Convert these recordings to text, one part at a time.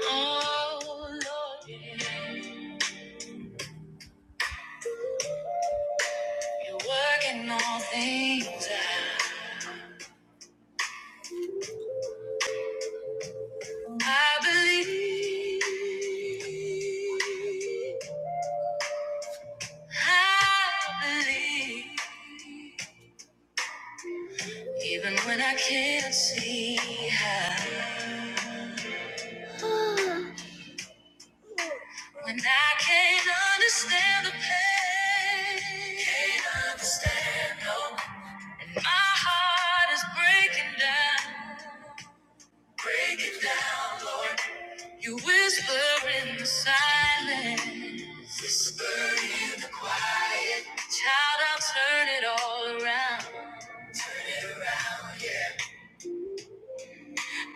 Oh Lord, you're working all things out. I believe, I believe, even when I can't see how, when I can't understand the pain, can't understand no. My heart is breaking down. Break it down, Lord. You whisper in the silence. Whisper in the quiet. Child, I'll turn it all around.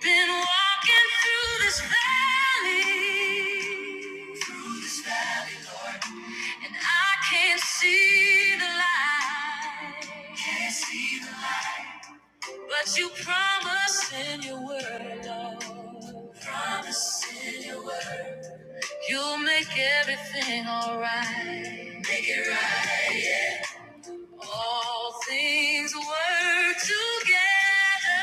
Been walking through this valley. Through this valley. And I can't see the light. Can't see. But you promise in your word, Lord. Promise in your word. You make everything alright. Make it right. All things work together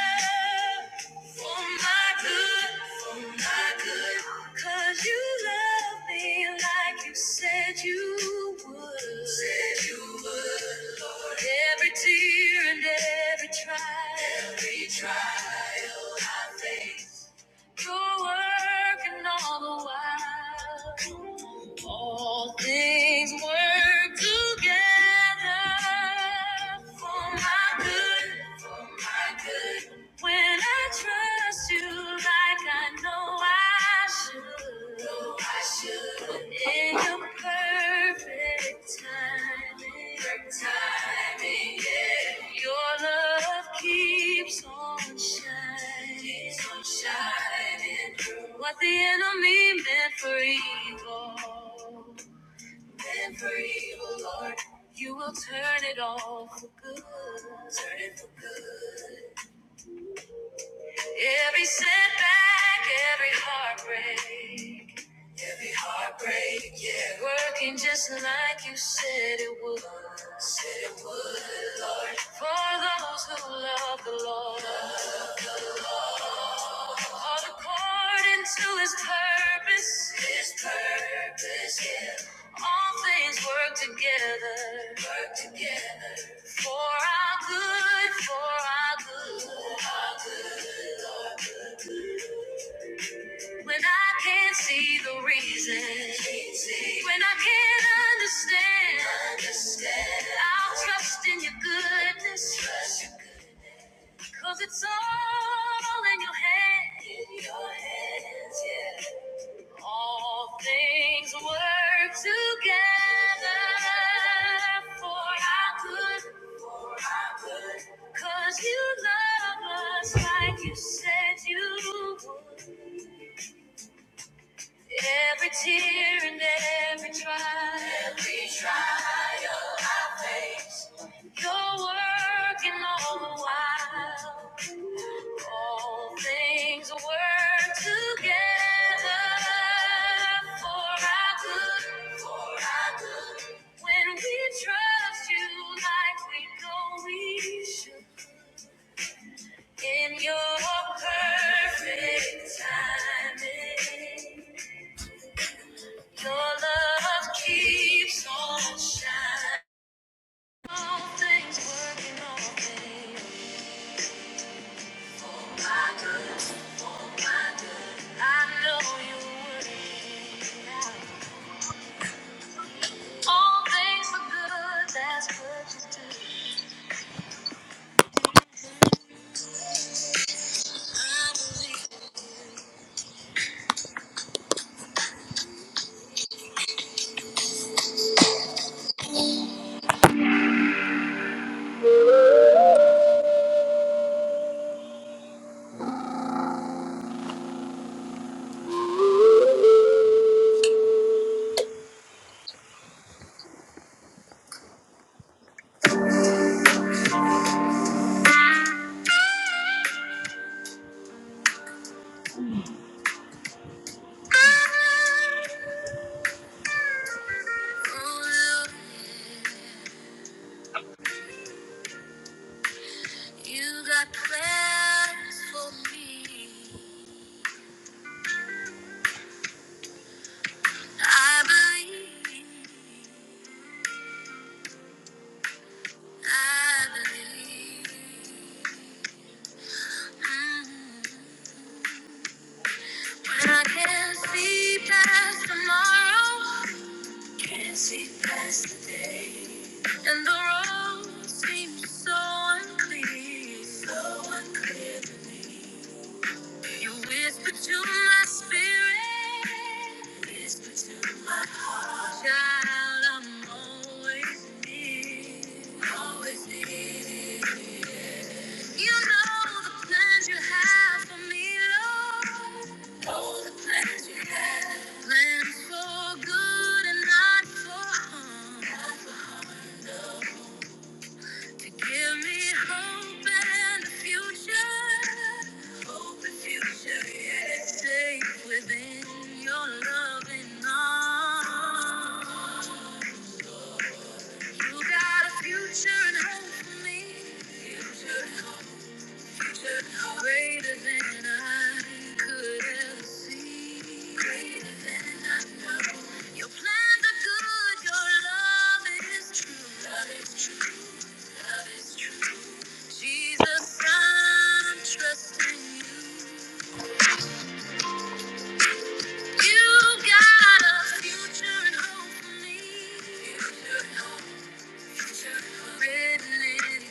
for my good, for my good. 'Cause you love me like you said you would. Said you would, Lord. Every tear and every trial. Every trial I face. You're working all the while. All things work together for my good. For my good. When I trust you like I know I I should. No, In your perfect timing. yeah. Your love keeps on shining. through. What the enemy meant for evil. Meant for evil, Lord. You will turn it all for good. Turn it for good. Every setback, every heartbreak every heartbreak, yeah. Working just like you said it would. Said it would. For those who love the Lord, all according to his purpose. His purpose, yeah. All things work together. Work together. For our good, for our good. When I can't see the reason, when I can't understand, I'll trust in your goodness, 'cause it's all in your hands. yeah. All things work together for our good, 'cause you love us like you said you would. Every tear and every trial. You're working all the while. All things work together for our good. For our good. When we trust you like we know we should. In your perfect timing, your love keeps on shining. All things working, all things. All things for good, that's what you do. I believe. Oh, Lord, you got plans for me. I believe. I believe. Mm. When I can't see past tomorrow. Can't see past the day. And the road seems so unclear. So unclear. You whisper to my spirit. Whisper to my child, I'm always near. Always near. You know the plans you have for me, Lord. Know the plans you have. Plans for good and not for harm. Give me hope and a future. Hope and future, yeah. Safe within your loving arms. You got a future and hope for me. Future and hope, future and hope. Greater than I could ever see. Greater than I know. Your plans are good, your love is true. Love is true, love is true. Jesus, I'm trusting you. You got a future and hope for me. Future and hope, future and hope. Written in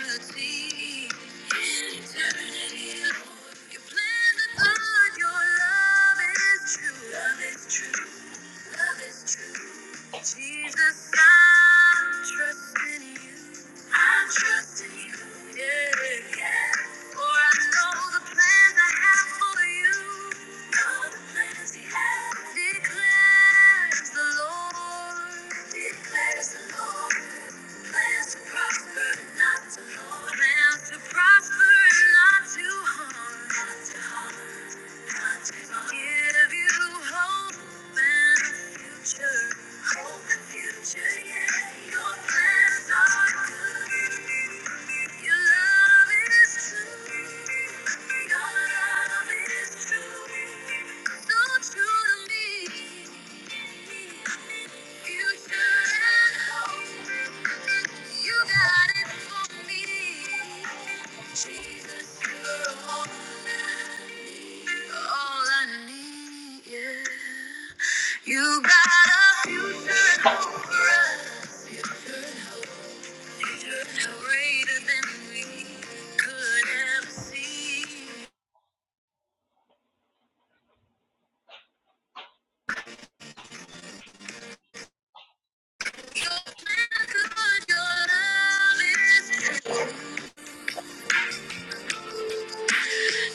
eternity. In eternity, Lord. Your plans are good, your love is true. Love is true, love is true. Jesus, I'm trusting you. I'm trusting you. Yeah. yeah. For I know the plans I have for you. Know the plans you have. Declares the Lord. Declares the Lord. Plans to prosper and not to harm. Plans to prosper and not to harm. Not to harm. Give you hope and a future. yeah. Your plans are good. Your love is true. Your love is true. So true to me. You got a future and hope for us. future Greater than we could have seen. You're good, your love is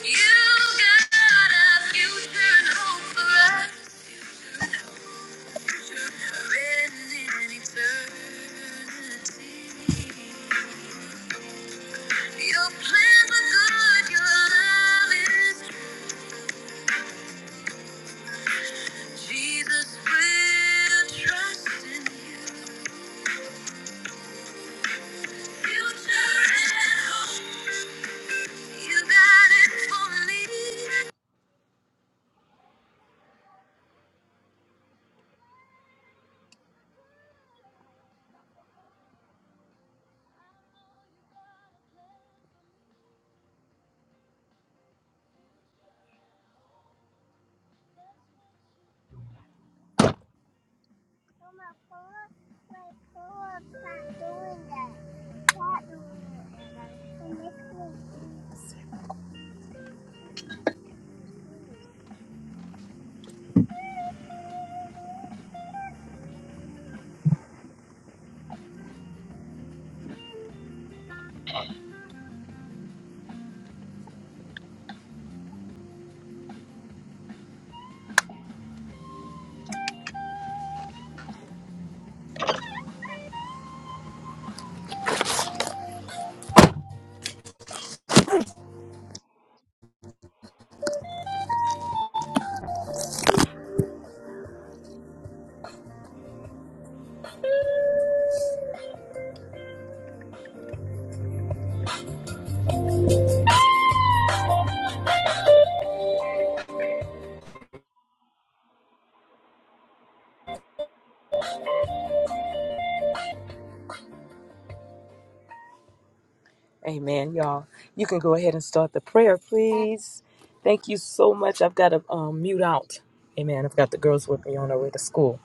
You got a future and hope for us. Written in eternity. Your plans are good, your love is true. Jesus, we're trusting you. Future and hope, you got it for me. Amen, y'all. You can go ahead and start the prayer, please. Thank you so much. I've got to um, mute out. Amen. I've got the girls with me on their way to school.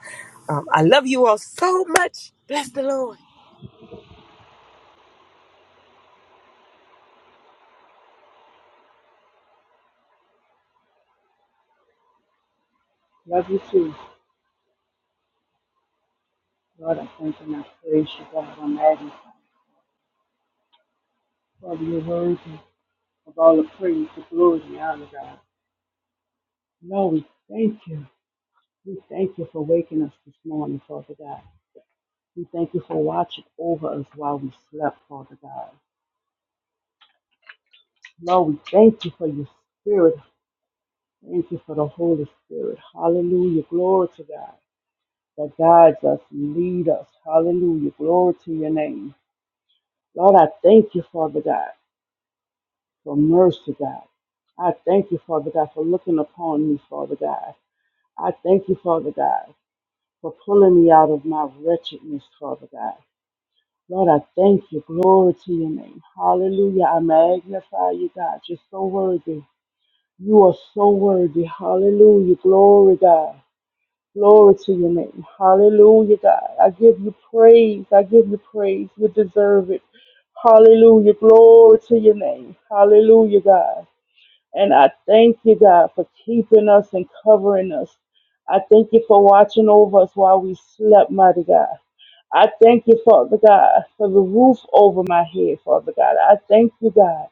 Um, I love you all so much. Bless the Lord. Love you too. Lord, I thank you and I praise you, God. I magnify you. Father, you're worthy of all the praise, the glory, and the honor, God. Lord, we thank you. We thank you for waking us this morning, Father God. We thank you for watching over us while we slept, Father God. Lord, we thank you for your spirit. Thank you for the Holy Spirit. Hallelujah. Glory to God that guides us and leads us. Hallelujah. Glory to your name. Lord, I thank you, Father God. for mercy, God. I thank you, Father God, for looking upon me, Father God. I thank you, Father God, for pulling me out of my wretchedness, Father God. Lord, I thank you. Glory to your name. Hallelujah. I magnify you, God. You're so worthy. You are so worthy. Hallelujah. Glory, God. Glory to your name. Hallelujah, God. I give you praise. I give you praise. You deserve it. Hallelujah. Glory to your name. Hallelujah, God. And I thank you, God, for keeping us and covering us. I thank you for watching over us while we slept, mighty God. I thank you, Father God, for the roof over my head, Father God. I thank you, God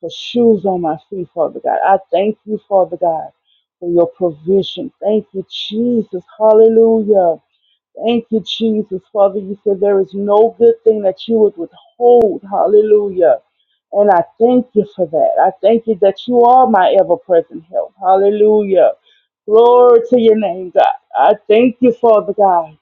for shoes on my feet, Father God. I thank you, Father God, for your provision. Thank you, Jesus. Hallelujah. Thank you, Jesus. Father, you said there is no good thing that you would withhold. Hallelujah. And I thank you for that. I thank you that you are my ever present help. Hallelujah. Glory to your name, God. I thank you, Father God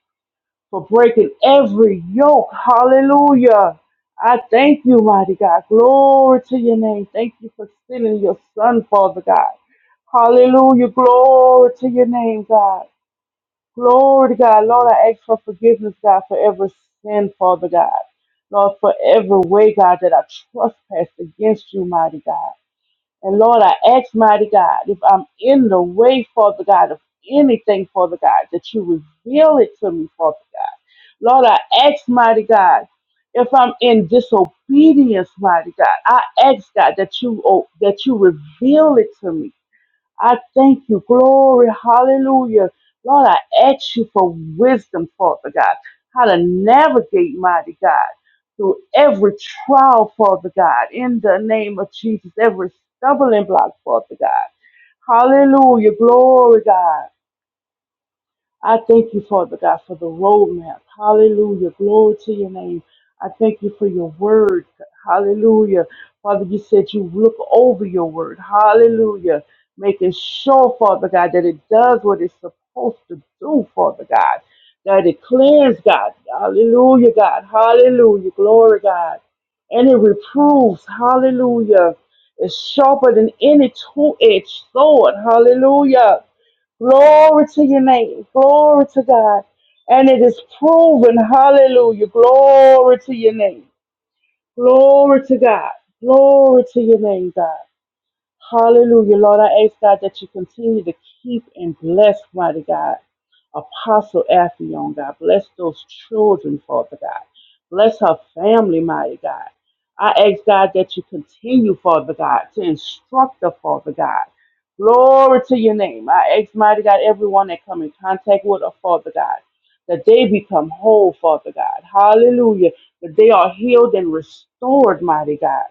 for breaking every yoke. Hallelujah. I thank you, mighty God. Glory to your name. Thank you for sending your son, Father God. Hallelujah. Glory to your name, God. Glory to God. Lord, I ask for forgiveness, God, for every sin, Father God. Lord, for every way, God, that I trespass against you, mighty God. And Lord, I ask, mighty God, if I'm in the way, Father God, of anything, Father God, that you reveal it to me, Father God. Lord, I ask, mighty God, if I'm in disobedience, mighty God, I ask God that you oh, that you reveal it to me. I thank you. Glory. Hallelujah. Lord, I ask you for wisdom, Father God, how to navigate, mighty God, through every trial, Father God, in the name of Jesus, every stumbling block, Father God. Hallelujah. Glory, God. I thank you, Father God, for the roadmap. Hallelujah. Glory to your name. I thank you for your word. Hallelujah. Father, you said you look over your word. Hallelujah. Making sure, Father God, that it does what it's supposed to do, Father God. That it clears, God. Hallelujah, God. Hallelujah. Glory, God. And it reproves. Hallelujah. It's sharper than any two edged sword. Hallelujah. Glory to your name. Glory to God. And it is proven. Hallelujah. Glory to your name. Glory to God. Glory to your name, God. Hallelujah. Lord, I ask God that you continue to keep and bless, mighty God, Apostle Afion, God. Bless those children, Father God. Bless her family, mighty God. I ask God that you continue, Father God, to instruct the Father God. Glory to your name. I ask, mighty God, everyone that come in contact with her, Father God, that they become whole, Father God. Hallelujah. That they are healed and restored, mighty God.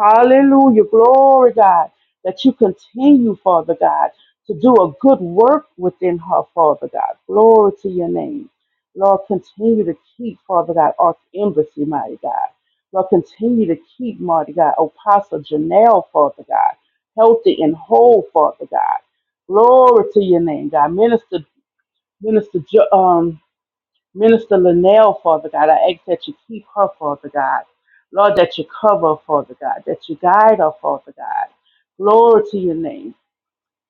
Hallelujah. Glory, God that you continue, Father God, to do a good work within her, Father God. Glory to your name. Lord, continue to keep, Father God, Ark Embassy, mighty God. Lord, continue to keep, mighty God, Apostle Janelle, Father God, healthy and whole, Father God. Glory to your name, God. Minister, Minister, um, Minister Linnell, Father God. I ask that you keep her, Father God. Lord, that you cover, Father God, that you guide her, Father God. Glory to your name.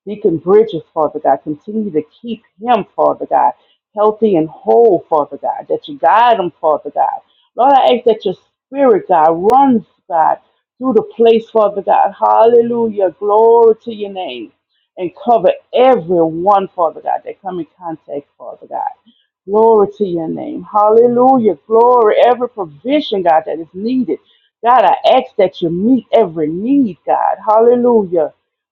Deacon Bridges, Father God. Continue to keep him, Father God, healthy and whole, Father God, that you guide him, Father God. Lord, I ask that your spirit, God, runs, God, through the place, Father God. Hallelujah. Glory to your name. And cover everyone, Father God, that come in contact, Father God. Glory to your name. Hallelujah. Glory. Every provision, God, that is needed. God, I ask that you meet every need, God. Hallelujah.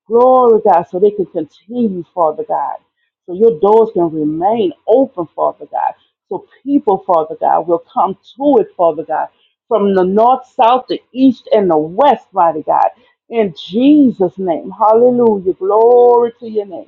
Glory, God, so they can continue, Father God. So your doors can remain open, Father God. So people, Father God, will come to it, Father God, from the north, south, the east, and the west, mighty God. In Jesus' name. Hallelujah. Glory to your name.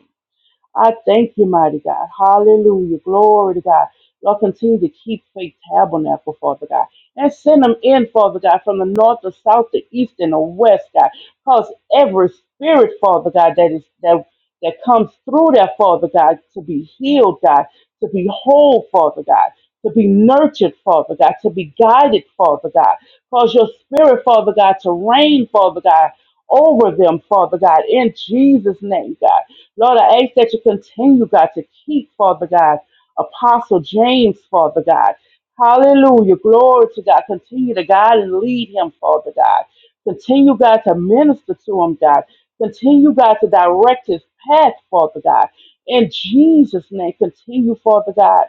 I thank you, mighty God. Hallelujah. Glory to God. Lord, continue to keep faith tabernacle, Father God. And send them in, Father God, from the north, the south, the east, and the west, God. Cause every spirit, Father God, that is that that comes through that, Father God, to be healed, God, to be whole, Father God, to be nurtured, Father God, to be guided, Father God. Cause your spirit, Father God, to reign, Father God, over them, Father God, in Jesus' name, God. Lord, I ask that you continue, God, to keep, Father God, Apostle James, Father God. Hallelujah. Glory to God. Continue to guide and lead him, Father God. Continue, God, to minister to him, God. Continue, God, to direct his path, Father God. In Jesus' name, continue, Father God.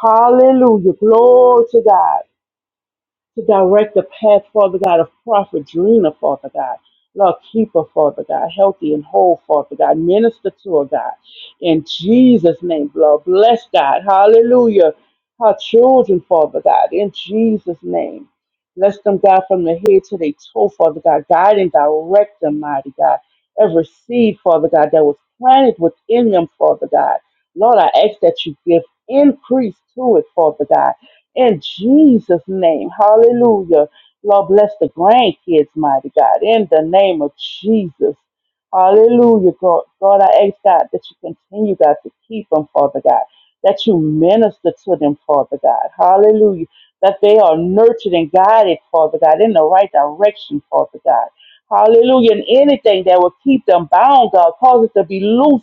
Hallelujah. Glory to God to direct the path, Father God, of Prophet Drina, Father God. Lord, keep her, Father God, healthy and whole, Father God. Minister to her, God. In Jesus' name, Lord, bless God. Hallelujah. Her children, Father God, in Jesus' name. Bless them, God, from the head to their toe, Father God. Guide and direct them, mighty God. Every seed, Father God, that was planted within them, Father God. Lord, I ask that you give increase to it, Father God in Jesus' name. Hallelujah. Lord, bless the grandkids, mighty God. In the name of Jesus. Hallelujah, God. God, I ask God that you continue, God, to keep them, Father God. That you minister to them, Father God. Hallelujah. That they are nurtured and guided, Father God, in the right direction, Father God. Hallelujah. And anything that will keep them bound, God, cause it to be loose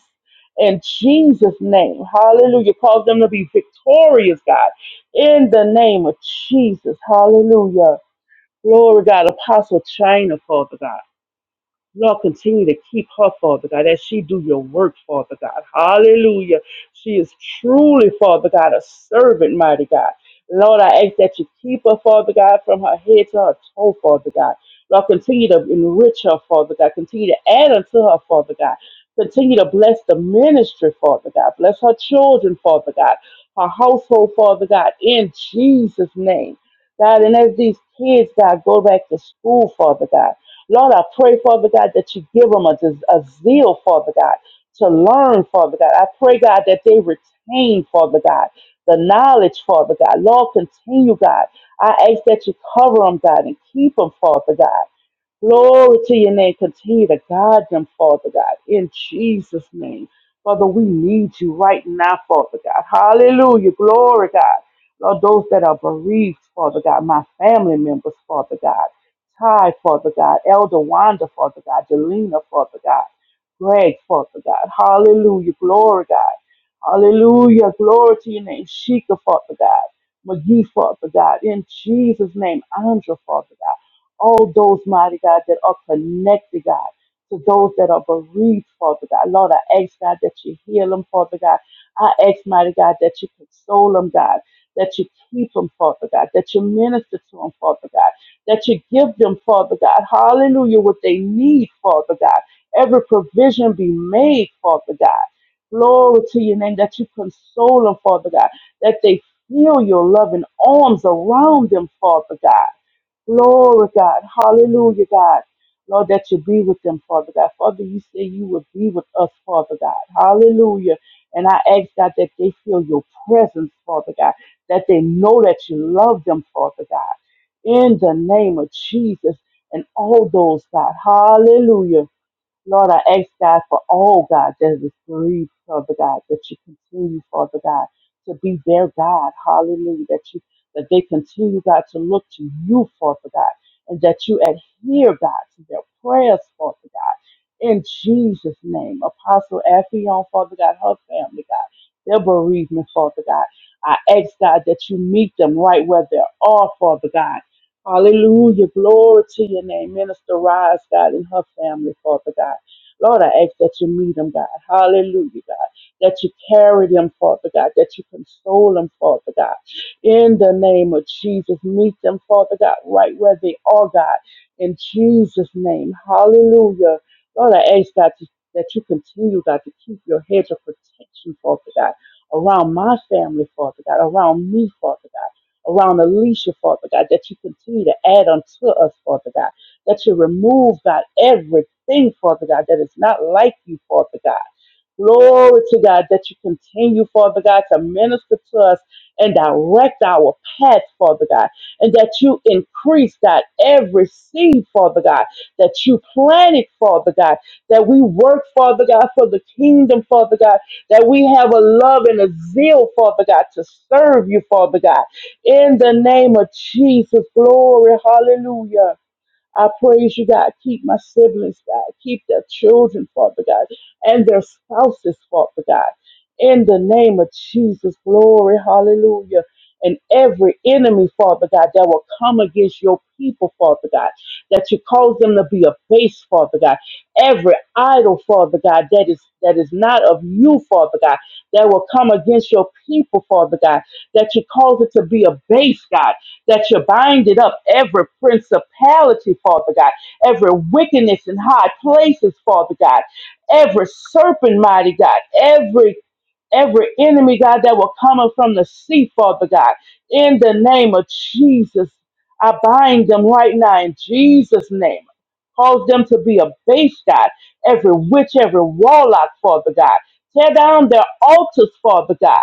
in Jesus' name. Hallelujah. Cause them to be victorious, God in the name of Jesus. Hallelujah. Glory God. Apostle China, Father God. Lord, continue to keep her, Father God, as she do your work, Father God. Hallelujah. She is truly, Father God, a servant, mighty God. Lord, I ask that you keep her, Father God, from her head to her toe, Father God. Lord, continue to enrich her, Father God. Continue to add unto her, Father God. Continue to bless the ministry, Father God. Bless her children, Father God. Her household, Father God, in Jesus' name. God, and as these kids, God, go back to school, Father God. Lord, I pray, Father God, that you give them a, des- a zeal, Father God, to learn, Father God. I pray, God, that they retain, Father God, the knowledge, Father God. Lord, continue, God. I ask that you cover them, God, and keep them, Father God. Glory to your name. Continue to guide them, Father God, in Jesus' name. Father, we need you right now, Father God. Hallelujah. Glory, God. Lord, those that are bereaved, Father God, my family members, Father God. Ty, Father God. Elder Wanda, Father God. Delina, Father God. Greg, Father God. Hallelujah. Glory, God. Hallelujah. Glory to your name. Sheikah, Father God. McGee, Father God. In Jesus' name, Andrew, Father God all those, mighty God, that are connected, God, to those that are bereaved, Father God. Lord, I ask, God, that you heal them, Father God. I ask, mighty God, that you console them, God, that you keep them, Father God, that you minister to them, Father God, that you give them, Father God, hallelujah, what they need, Father God. Every provision be made, Father God. Glory to your name, that you console them, Father God, that they feel your loving arms around them, Father God. Glory, God. Hallelujah, God. Lord, that you be with them, Father God. Father, you say you will be with us, Father God. Hallelujah. And I ask, God, that they feel your presence, Father God, that they know that you love them, Father God. In the name of Jesus and all those, God. Hallelujah Lord, I ask God for all God that is bereaved, Father God, that you continue, Father God, to be their God. Hallelujah. That you that they continue, God, to look to you, Father God, and that you adhere, God, to their prayers, Father God. In Jesus' name. Apostle Affion, Father God, her family, God, their bereavement, Father God. I ask God that you meet them right where they are, Father God Hallelujah. Glory to your name. Minister Rise, God, and her family, Father God. Lord, I ask that you meet them, God. Hallelujah, God. That you carry them, Father God. That you console them, Father God. In the name of Jesus, meet them, Father God, right where they are, God. In Jesus' name. Hallelujah. Lord, I ask, God, to- that you continue, God, to keep your hedge of protection, Father God, around my family, Father God, around me, Father God around Alicia, Father God, that you continue to add unto us, Father God, that you remove, God, everything, Father God, that is not like you, Father God. Glory to God that you continue, Father God, to minister to us and direct our path, Father God, and that you increase that every seed, Father God, that you planted, Father God, that we work, Father God, for the kingdom, Father God, that we have a love and a zeal, Father God, to serve you, Father God. In the name of Jesus, glory, hallelujah. I praise you, God. Keep my siblings, God. Keep their children, Father God, and their spouses, Father God. In the name of Jesus, glory, hallelujah. And every enemy, Father God, that will come against your people, Father God, that you cause them to be a base, Father God. Every idol, Father God, that is that is not of you, Father God, that will come against your people, Father God, that you cause it to be a base, God that you're binding up every principality, Father God, every wickedness in high places, Father God, every serpent, mighty God, every every enemy, God, that were coming from the sea, Father God. In the name of Jesus, I bind them right now in Jesus' name. Cause them to be a base, God. Every witch, every warlock, Father God. Tear down their altars, Father God.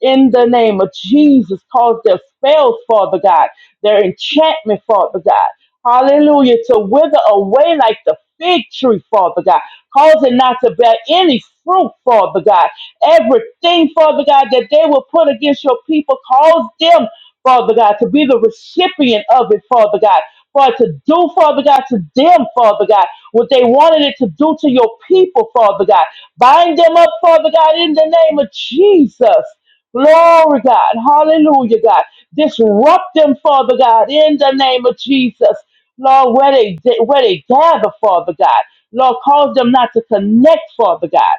In the name of Jesus, cause their spells, Father God, their enchantment, Father God. Hallelujah, to wither away like the fig tree, Father God. Cause it not to bear any fruit, Father God Everything, Father God, that they will put against your people, cause them, Father God, to be the recipient of it, Father God. For it to do, Father God, to them, Father God, what they wanted it to do to your people, Father God. Bind them up, Father God, in the name of Jesus. Glory, God. Hallelujah, God. Disrupt them, Father God, in the name of Jesus. Lord, where they where they gather, Father God. Lord, cause them not to connect, Father God.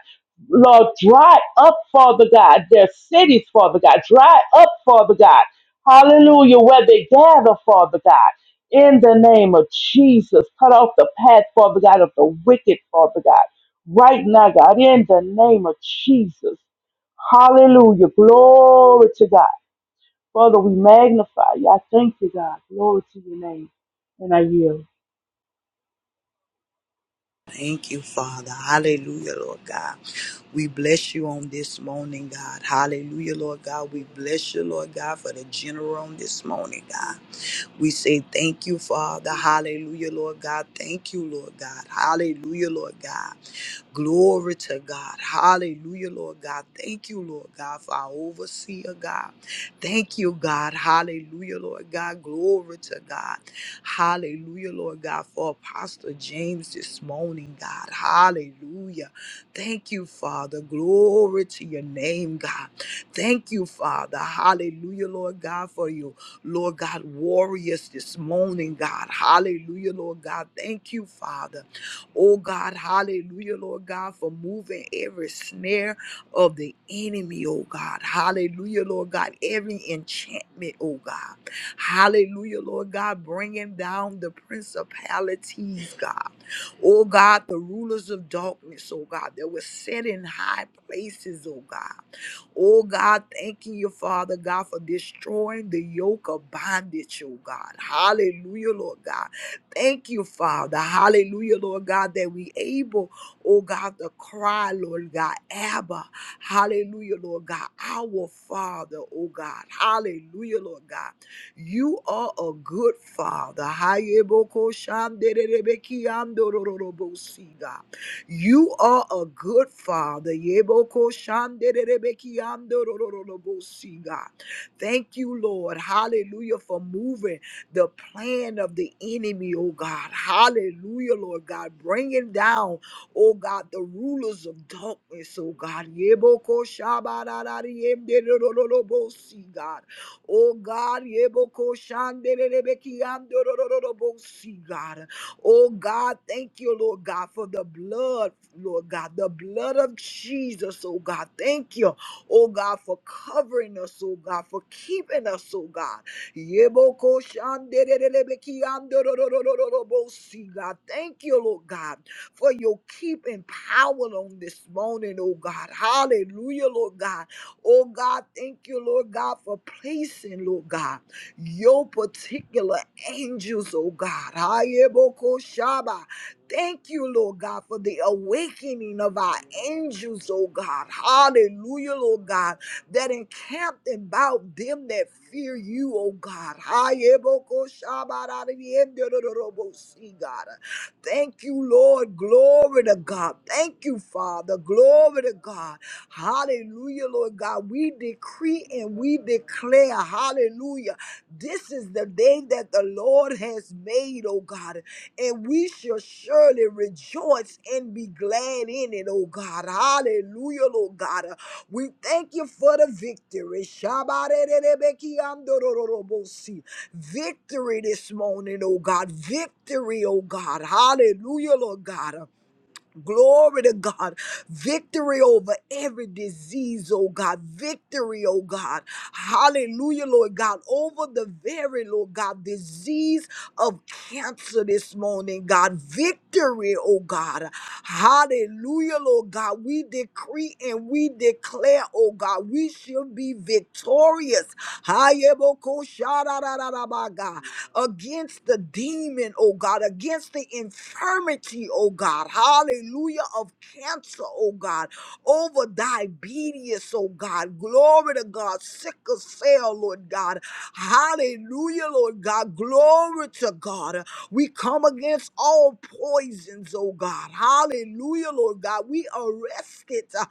Lord, dry up, Father God, their cities, Father God. Dry up, Father God. Hallelujah, where they gather, Father God. In the name of Jesus, cut off the path, Father God, of the wicked, Father God. Right now, God, in the name of Jesus. Hallelujah. Glory to God. Father, we magnify you. I thank you, God. Glory to your name. And I yield. Thank you, Father. Hallelujah, Lord God. We bless you on this morning, God. Hallelujah, Lord God. We bless you, Lord God, for the general on this morning, God. We say thank you, Father. Hallelujah, Lord God. Thank you, Lord God. Hallelujah, Lord God. Glory to God. Hallelujah, Lord God. Thank you, Lord God, for our overseer, God. Thank you, God. Hallelujah, Lord God. Glory to God. Hallelujah, Lord God, for Apostle James this morning, God. Hallelujah. Thank you, Father. Glory to your name, God. Thank you, Father. Hallelujah, Lord God, for you, Lord God, warriors this morning, God. Hallelujah, Lord God. Thank you, Father. Oh God, hallelujah, Lord God, for moving every snare of the enemy, oh God. Hallelujah, Lord God, every enchantment, oh God. Hallelujah, Lord God, bringing down the principalities, God. Oh God, the rulers of darkness, oh God, that were set in high places, oh God. Oh God, thanking you, Father God, for destroying the yoke of bondage, oh God. Hallelujah, Lord God Thank you, Father. Hallelujah, Lord God, that we able, oh God, to cry, Lord God, Abba. Hallelujah, Lord God, our Father, oh God. Hallelujah, Lord God. You are a good Father. Hayeboko shanderebeki andorororobosi, God. You are a good Father. Yeboko shanderebeki andorororobosi, God. Thank you, Lord. Hallelujah, for moving the plan of the enemy, oh God. Hallelujah, Lord God. bringing down, oh God, the rulers of darkness, oh God. Yeboko shabararariyemderororobosi, God. Oh God, yeboko shandererebekiyandorororobosi, God. Oh God, thank you, Lord God, for the blood, Lord God, the blood of Jesus, oh God. Thank you, oh God, for covering us, oh God, for keeping us, oh God. Yeboko shandelelebeki andororororobosi, God. Thank you, Lord God, for your keeping power on this morning, oh God. Hallelujah, Lord God. Oh God, thank you, Lord God, for placing, Lord God, your particular angels, oh God. Ayeboko shaba. Thank you, Lord God, for the awakening of our angels, oh God. Hallelujah, Lord God that encamped about them that fear you, O God. Hayebokoshabaradiendoroboosi, God. Thank you, Lord. Glory to God. Thank you, Father. Glory to God. Hallelujah, Lord God. We decree and we declare, hallelujah. This is the day that the Lord has made, oh God. And we shall surely rejoice and be glad in it, oh God. Hallelujah, Lord God. We thank you for the victory. Shabarerebekiandorororobosi. Victory this morning, oh God. Victory, oh God. Hallelujah, Lord God. Glory to God. Victory over every disease, oh God. Victory, oh God. Hallelujah, Lord God. Over the very, Lord God, disease of cancer this morning, God. Victory, oh God. Hallelujah, Lord God. We decree and we declare, oh God, we shall be victorious. Hayeboko shararararaba, God against the demon, oh God, against the infirmity, oh God, hallelujah, of cancer, oh God, over diabetes, oh God, glory to God, sickle cell, Lord God, hallelujah, Lord God, glory to God. We come against all poisons, oh God, hallelujah, Lord God, we arrest it uh,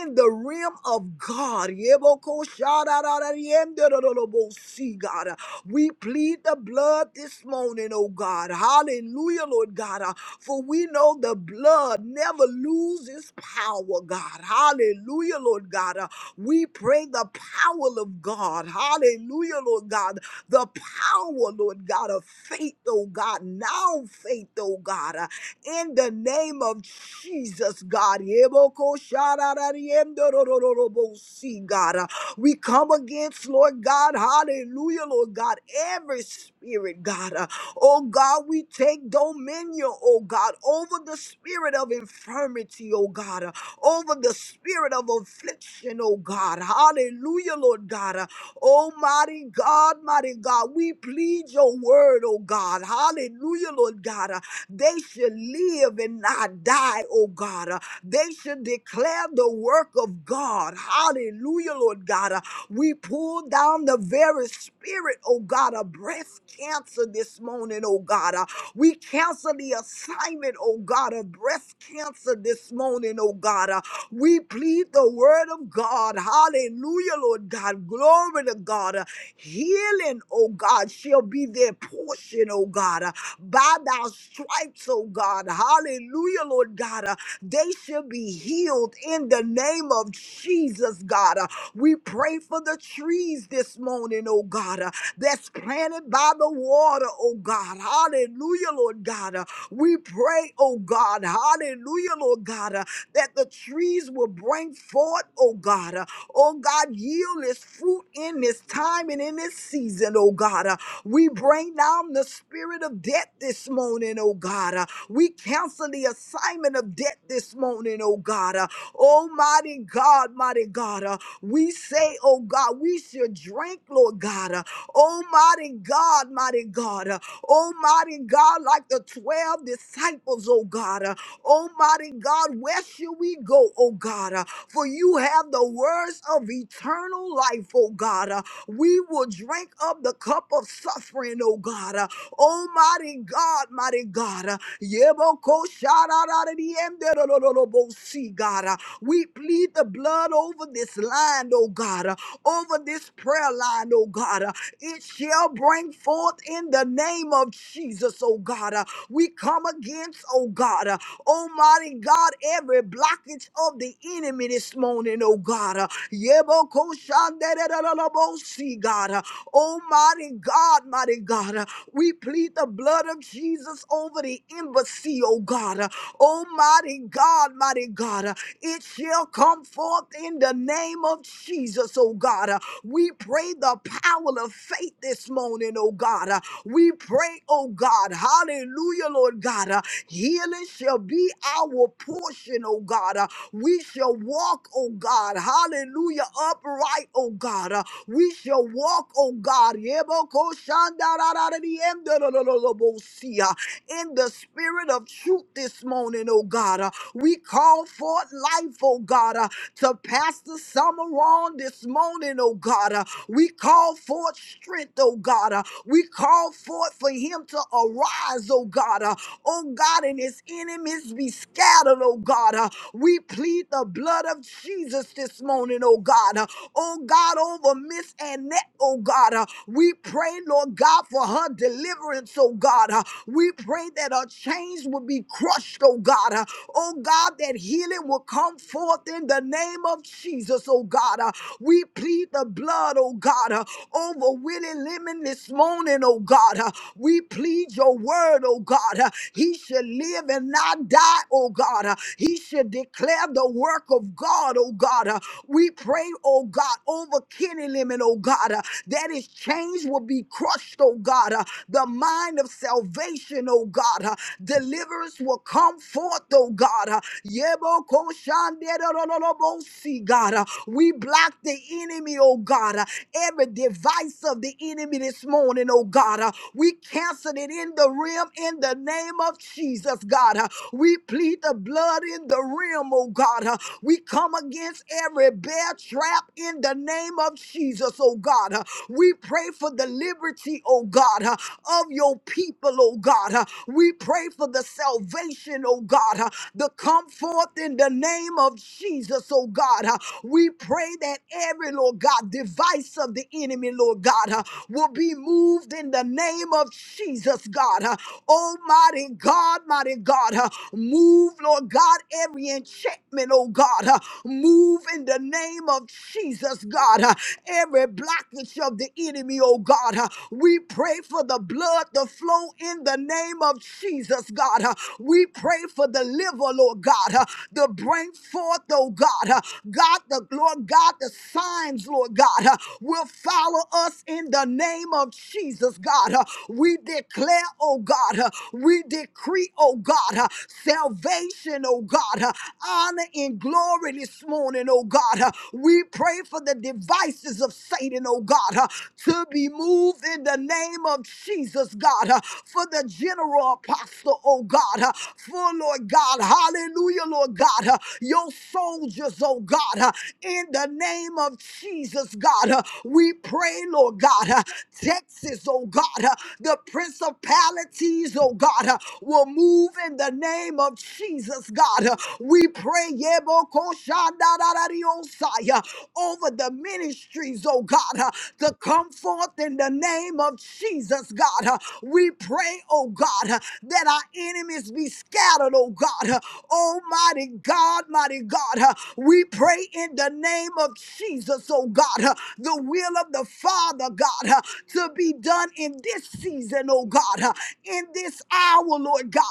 in the realm of God. Yeboko shadadadadiemdododolobo, See God. We plead the blood this morning, oh God. Hallelujah, Lord God. Uh, For we know the blood never loses power, God. Hallelujah, Lord God. Uh, We pray the power of God. Hallelujah, Lord God. The power, Lord God, of faith, oh God. Now faith, oh God. Uh, In the name of Jesus, God. Yeboko shararariemdorororobosi, God. Uh, we come against, Lord God, hallelujah, Lord God, every spirit, God. Uh, oh God, we take dominion, oh God, over the spirit of infirmity, oh God, uh, over the spirit of affliction, oh God. Hallelujah, Lord God. Uh, Almighty God, mighty God, we plead your word, oh God. Hallelujah, Lord God. Uh, they should live and not die, oh God. Uh, They should declare the work of God. Hallelujah, Lord God. Uh, We pull down the very spirit, oh God, of breast cancer this morning, oh God. Uh, We cancel the assignment, oh God, of breast cancer this morning, oh God. Uh, We plead the word of God. Hallelujah, Lord God. Glory to God. Uh, Healing, oh God, shall be their portion, oh God. Uh, by thy stripes, oh God, hallelujah, Lord God, uh, they shall be healed in the name of Jesus, God. Uh, we pray for the trees this morning, oh God, uh, that's planted by the water, oh God, hallelujah, Lord God. Uh, we pray, oh God, hallelujah, Lord God, uh, that the trees will bring forth, oh God, uh, oh God, yield this fruit in this time and in this season, oh God. Uh, we bring down the spirit of debt this morning, oh God. Uh, We cancel the assignment of debt this morning, oh God. Uh, Almighty God, mighty God. uh, We say, oh God, we should drink, Lord God. Uh, Almighty God, mighty God. uh, Almighty God, like the 12 disciples, oh God. Uh, Almighty God, where should we go, oh God? Uh, For you have the words of eternal life, oh God. Uh, we will drink up the cup of suffering, oh God. Uh, Almighty God, mighty God. Uh, Yeboko sharararariyemderorororobosi, God. Uh, We plead the blood over this line, oh God, uh, over this prayer line, oh God. Uh, It shall bring forth in the name of Jesus, oh God. Uh, We come against, oh God, uh, Almighty God, every blockage of the enemy this morning, oh God. Uh, Yeboko shanderererebosi, God. Oh, mighty God, mighty God. We plead the blood of Jesus over the embassy, oh God. Oh, mighty God, mighty God. It shall come forth in the name of Jesus, oh God. We pray the power of faith this morning, oh God. We pray, oh God, hallelujah, Lord God. uh, healing shall be our portion, oh God. uh, we shall walk, oh God, hallelujah, upright, oh God. uh, we shall walk, oh God. Yebokoshandarararariyemdorololobosia in the spirit of truth this morning, oh God. Uh, We call forth life, oh God, uh, to Pastor Summer on this morning, oh God. Uh, We call forth strength, oh God. Uh, We call forth for him to arise, oh God. Uh, oh God, and his enemies be scattered, oh God. Uh, we plead the blood of Jesus this morning, oh God. Uh, oh God, over Miss Annette, oh God. Uh, we pray, Lord God, for her deliverance, oh God. Uh, we pray that her chains will be crushed, oh God. Uh, oh God, that healing will come forth in the name of Jesus, oh God. Uh, we plead the blood, oh God, uh, over Willie Lemon this morning, oh God. Uh, we plead your word, oh God. Uh, He should live and not die, oh God. Uh, He should declare the work of God, oh God. Uh, We pray, oh God, over Kenny Lemon, oh God, uh, that his chains will be crushed, oh God. Uh, The mind of salvation, oh God. Uh, Deliverance will come forth, oh God. Uh, Yebokoshanderorolobosi, God. Uh, We block the enemy, oh God. Uh, Every device voice of the enemy this morning, oh God. Uh, We cancel it in the realm in the name of Jesus, God. Uh, We plead the blood in the realm, oh God. Uh, We come against every bear trap in the name of Jesus, oh God. Uh, We pray for the liberty, oh God, uh, of your people, oh God. Uh, We pray for the salvation, oh God, uh, to come forth in the name of Jesus, oh God. Uh, We pray that every, Lord God, device of the enemy, Lord God, uh, will be moved in the name of Jesus, God. Uh, Almighty God, mighty God, uh, move, Lord God, every enchantment, oh God, uh, move in the name of Jesus, God, uh, every blockage of the enemy, oh God. uh, we pray for the blood to flow in the name of Jesus, God. uh, we pray for the liver, Lord God, uh, to bring forth, oh oh God. Uh, God, the Lord God, the signs, Lord God, uh, will follow us in the name of Jesus, God. Uh, We declare, oh God, uh, we decree, oh God, uh, salvation, oh God, uh, honor and glory this morning, oh God. Uh, We pray for the devices of Satan, oh God, uh, to be moved in the name of Jesus, God, uh, for the general apostle, oh God, uh, for Lord God. Hallelujah, Lord God. Uh, Your soldiers, oh God, uh, in the name of Jesus, God. Uh, We pray, Lord God, uh, Texas, oh God, uh, the principalities, oh God, uh, will move in the name of Jesus, God. Uh, We pray, Yebokoshandararariosai, uh, over the ministries, oh God, uh, to come forth in the name of Jesus, God. Uh, We pray, oh God, uh, that our enemies be scattered, oh God. Almighty God, mighty God, we pray in the name of Jesus, oh God, the will of the Father, God, to be done in this season, oh God, in this hour, Lord God.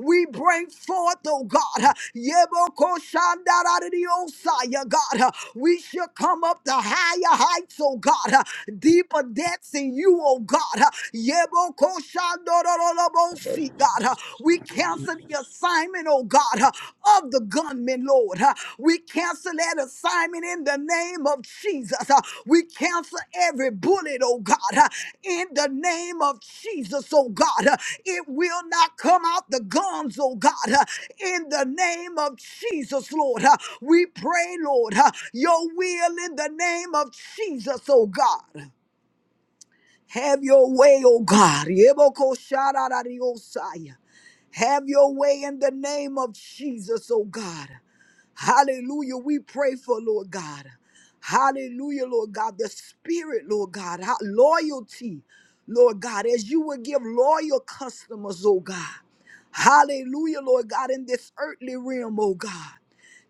We bring forth, oh God, Yebokoshandaradiosaya, God, we shall come up to higher heights, oh God, deeper depths in you, oh God. Yebokoshandorolobosi, God. Uh, We cancel the assignment, oh God, uh, of the gunman, Lord. Uh, We cancel that assignment in the name of Jesus. Uh, We cancel every bullet, oh God, uh, in the name of Jesus, oh God. Uh, It will not come out the guns, oh God, uh, in the name of Jesus, Lord. Uh, We pray, Lord, uh, your will in the name of Jesus, oh God. Have your way, oh God. Yebokoshararariosaya. Have your way in the name of Jesus, oh God. Hallelujah. We pray for Lord God. Hallelujah, Lord God. The spirit, Lord God. How- Loyalty, Lord God, as you would give loyal customers, oh God. Hallelujah, Lord God, in this earthly realm, oh God.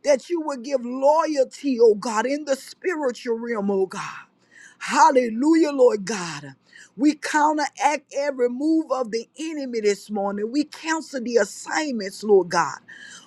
That you would give loyalty, oh God, in the spiritual realm, oh God. Hallelujah, Lord God. We counteract every move of the enemy this morning. We cancel the assignments, Lord God,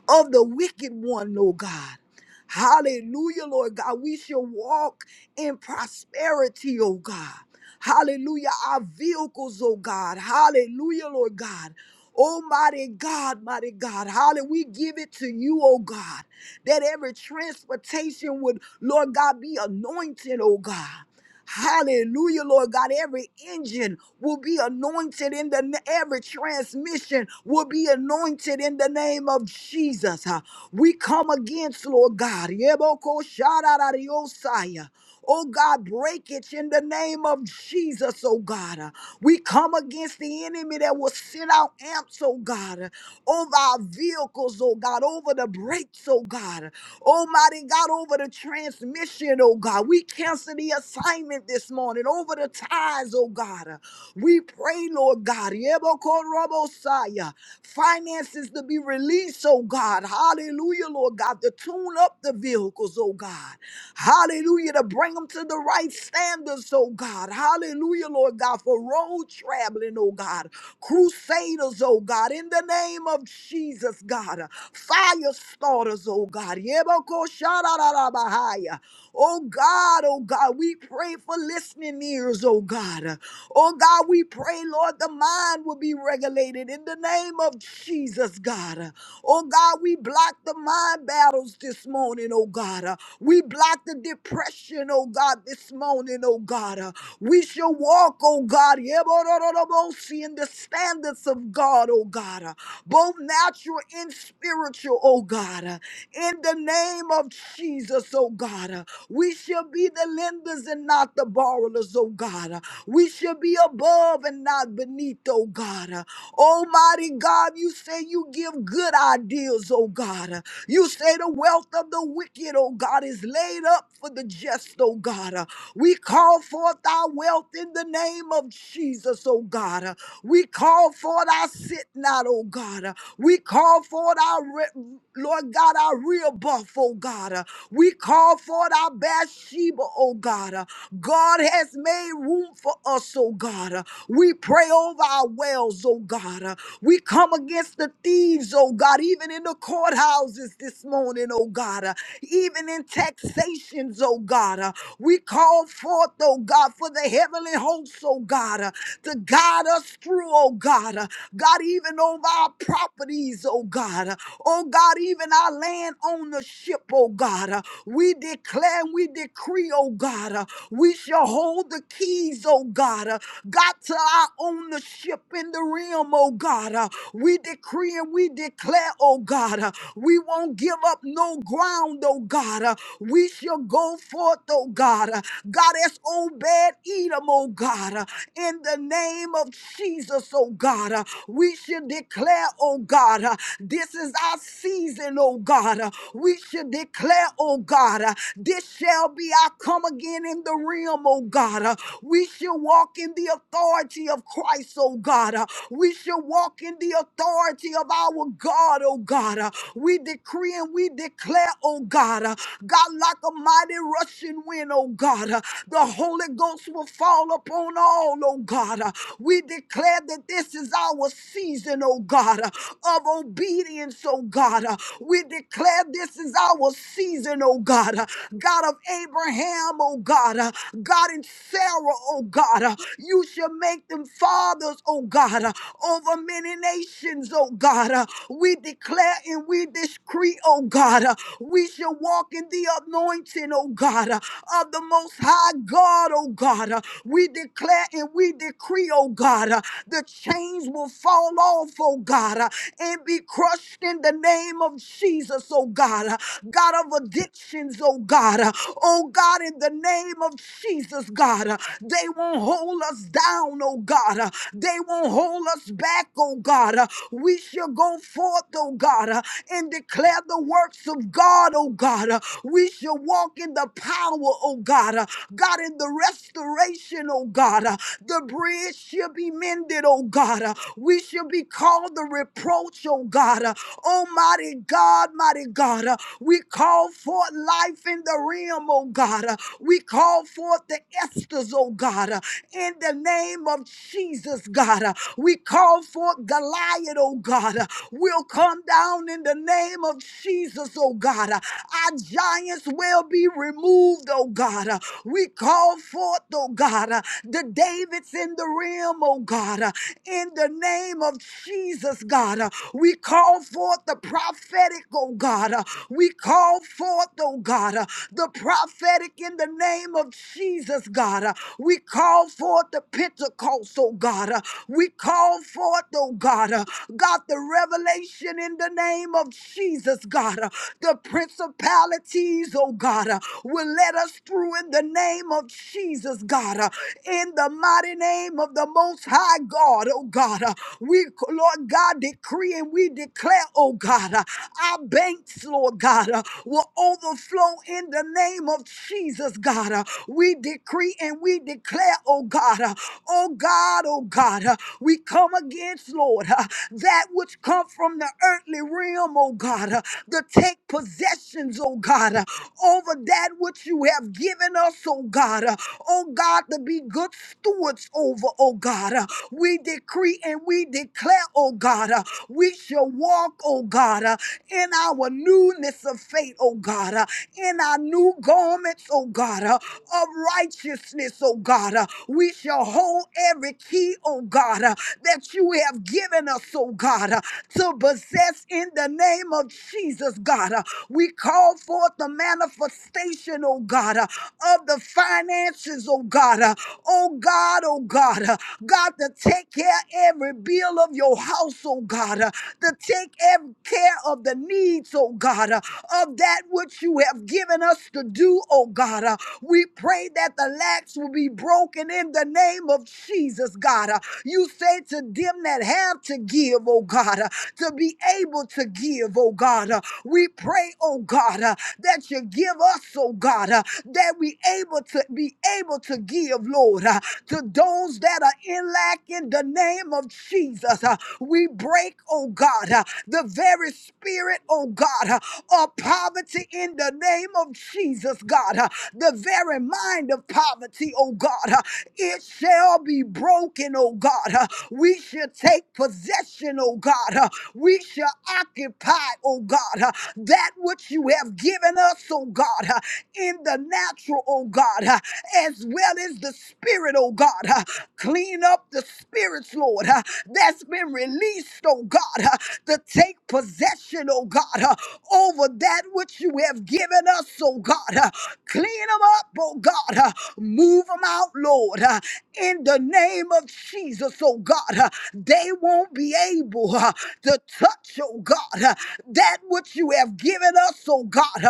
of the wicked one, Lord God. Hallelujah, Lord God. We shall walk in prosperity, oh God. Hallelujah. Our vehicles, oh God. Hallelujah, Lord God. Almighty God, mighty God, hallelujah. We give it to you, oh God, that every transportation would, Lord God, be anointed, oh God. Hallelujah, Lord God. Every engine will be anointed in the na- every transmission will be anointed in the name of Jesus. huh. We come against, Lord God. Yeboko shararariosaya. Oh God, breakage in the name of Jesus, oh God. Uh, We come against the enemy that will send out amps, oh God, uh, over our vehicles, oh God, over the brakes, oh God. Almighty God, over the transmission, oh God. We cancel the assignment this morning over the ties, oh God. We pray, Lord God. Yebokorobosaya. Finances to be released, oh God. Hallelujah, Lord God. To tune up the vehicles, oh God. Hallelujah. To bring them to the right standards, oh God. Hallelujah, Lord God. For road traveling, oh God. Crusaders, oh God, in the name of Jesus, God. Fire starters, oh God. Yebokoshararabahaya. Oh God, oh God, we pray for listening ears, oh God. Oh God, we pray, Lord, the mind will be regulated in the name of Jesus, God. Oh God, we block the mind battles this morning, oh God. We block the depression, oh God, this morning, oh God. We shall walk, oh God, in the standards of God, oh God, both natural and spiritual, oh God. In the name of Jesus, oh God, we shall be the lenders and not the borrowers, oh God. We should be above and not beneath, oh God. Uh, Almighty God, you say you give good ideas, oh God. Uh, You say the wealth of the wicked, oh God, is laid up for the just, oh God. We call forth our wealth in the name of Jesus, oh God. Uh, We call forth our sit not, oh God. Uh, We call forth our, re- Lord God, our real buff, oh God. Uh, We call forth our Bathsheba, oh God. Uh, God has made room for us, oh God. Uh, We pray over our wells, oh God. Uh, We come against the thieves, oh God, even in the courthouses this morning, oh God even in taxations, oh God. Uh, we call forth, oh God, for the heavenly hosts, oh God, uh, to guide us through, oh God. Uh, God, even over our properties, oh God. Uh, oh God, even our land ownership, oh God. Uh, we declare and we decree, oh God, uh, we shall hold the keys, oh God, uh, God, to our ownership in the realm, oh God. Uh, we decree and we we declare, oh God, uh, we won't give up no ground, oh God. uh, We shall go forth, oh God. uh, God, as Obed Edom, oh God, uh, in the name of Jesus, oh God. uh, We should declare, oh God, uh, this is our season, oh God. uh, We should declare, oh God, uh, this shall be our come again in the realm, oh God. uh, We shall walk in the authority of Christ. Christ, oh God. Uh, We shall walk in the authority of our God, oh God. Uh, We decree and we declare, oh God, uh, God, like a mighty rushing wind, oh God. uh, The Holy Ghost will fall upon all, oh God. Uh, We declare that this is our season, oh God, uh, of obedience, oh God. Uh, We declare this is our season, oh God. Uh, God of Abraham, oh God. Uh, God God, and Sarah, oh God. Uh, You shall make them fathers, oh God, uh, over many nations, oh God. Uh, We declare and we decree, oh God, uh, we shall walk in the anointing, oh God, uh, of the Most High God, oh God. Uh, We declare and we decree, oh God, uh, the chains will fall off, oh God, uh, and be crushed in the name of Jesus, oh God. Uh, God of addiction addictions, oh God. Uh, Oh God, in the name of Jesus, God, uh, they won't hold us down, oh God. Uh, They won't hold us back, oh God. Uh, We shall go forth, oh God, uh, and declare the works of God, oh God. Uh, We shall walk in the power, oh God. Uh, God, in the restoration, oh God. Uh, The bridge shall be mended, oh God. Uh, We shall be called the reproach, oh God. Uh, Almighty God, mighty God, uh, we call forth life in the realm, oh God. Uh, We call forth the Esthers, oh God. uh, in the name of Jesus, God. Uh, We call forth Goliath, oh God. Uh, We'll come down in the name of Jesus, oh God. Uh, Our giants will be removed, oh God. Uh, We call forth, oh God, uh, the Davids in the realm, oh God. Uh, In the name of Jesus, God. Uh, We call forth the prophetic, oh God. Uh, We call forth, oh God, uh, the prophetic in the name name of Jesus, God, uh, we call forth the Pentecost, oh God. uh, We call forth, oh God, uh, God, the revelation in the name of Jesus, God. uh, The principalities, oh God, uh, will let us through in the name of Jesus, God. uh, In the mighty name of the Most High God, oh God. uh, We, Lord God, decree and we declare, oh God, uh, our banks, Lord God, uh, will overflow flow in the name of Jesus, God. Uh, We decree and we declare, oh God, uh, oh God, oh God, uh, we come against, Lord, uh, that which come from the earthly realm, oh God, uh, to take possessions, oh God, uh, over that which you have given us, oh God, uh, oh God, to be good stewards over, oh God. uh, We decree and we declare, oh God, uh, we shall walk, oh God, uh, in our newness of faith, oh God, uh, in our new garments, oh God, uh, of righteousness, oh God. uh, We shall hold every key, oh God, uh, that you have given us, oh God, uh, to possess in the name of Jesus, God. uh, We call forth the manifestation, oh God, uh, of the finances, oh God, uh, oh God, oh God, uh, God, to take care every bill of your house, oh God, uh, to take ev- care of the needs, oh God, uh, of that which you have given us to do, oh God. Uh, We pray that the lacks will be broken in the name of Jesus, God. Uh, You say to them that have to give, oh God, uh, to be able to give, oh God. Uh, We pray, oh God, uh, that you give us, oh God, uh, that we able to be able to give, Lord, uh, to those that are in lack in the name of Jesus. Uh, we break, oh God, uh, the very spirit, oh God, uh, of poverty in the name of Jesus, God. uh, The very mind of poverty, oh God, uh, it shall be broken, oh God. uh, We shall take possession, oh God. uh, We shall occupy, oh God, uh, that which you have given us, oh God, uh, in the natural, oh God. uh, as well as the spirit, oh God. Uh, Clean up the spirits, Lord, uh, that's been released, oh God, uh, to take possession, oh God, uh, over that which you have given us, oh God. uh, Clean them up, oh God. uh, Move them out, Lord, uh, in the name of Jesus, oh God. uh, They won't be able uh, to touch, oh God, uh, that which you have given us, oh God.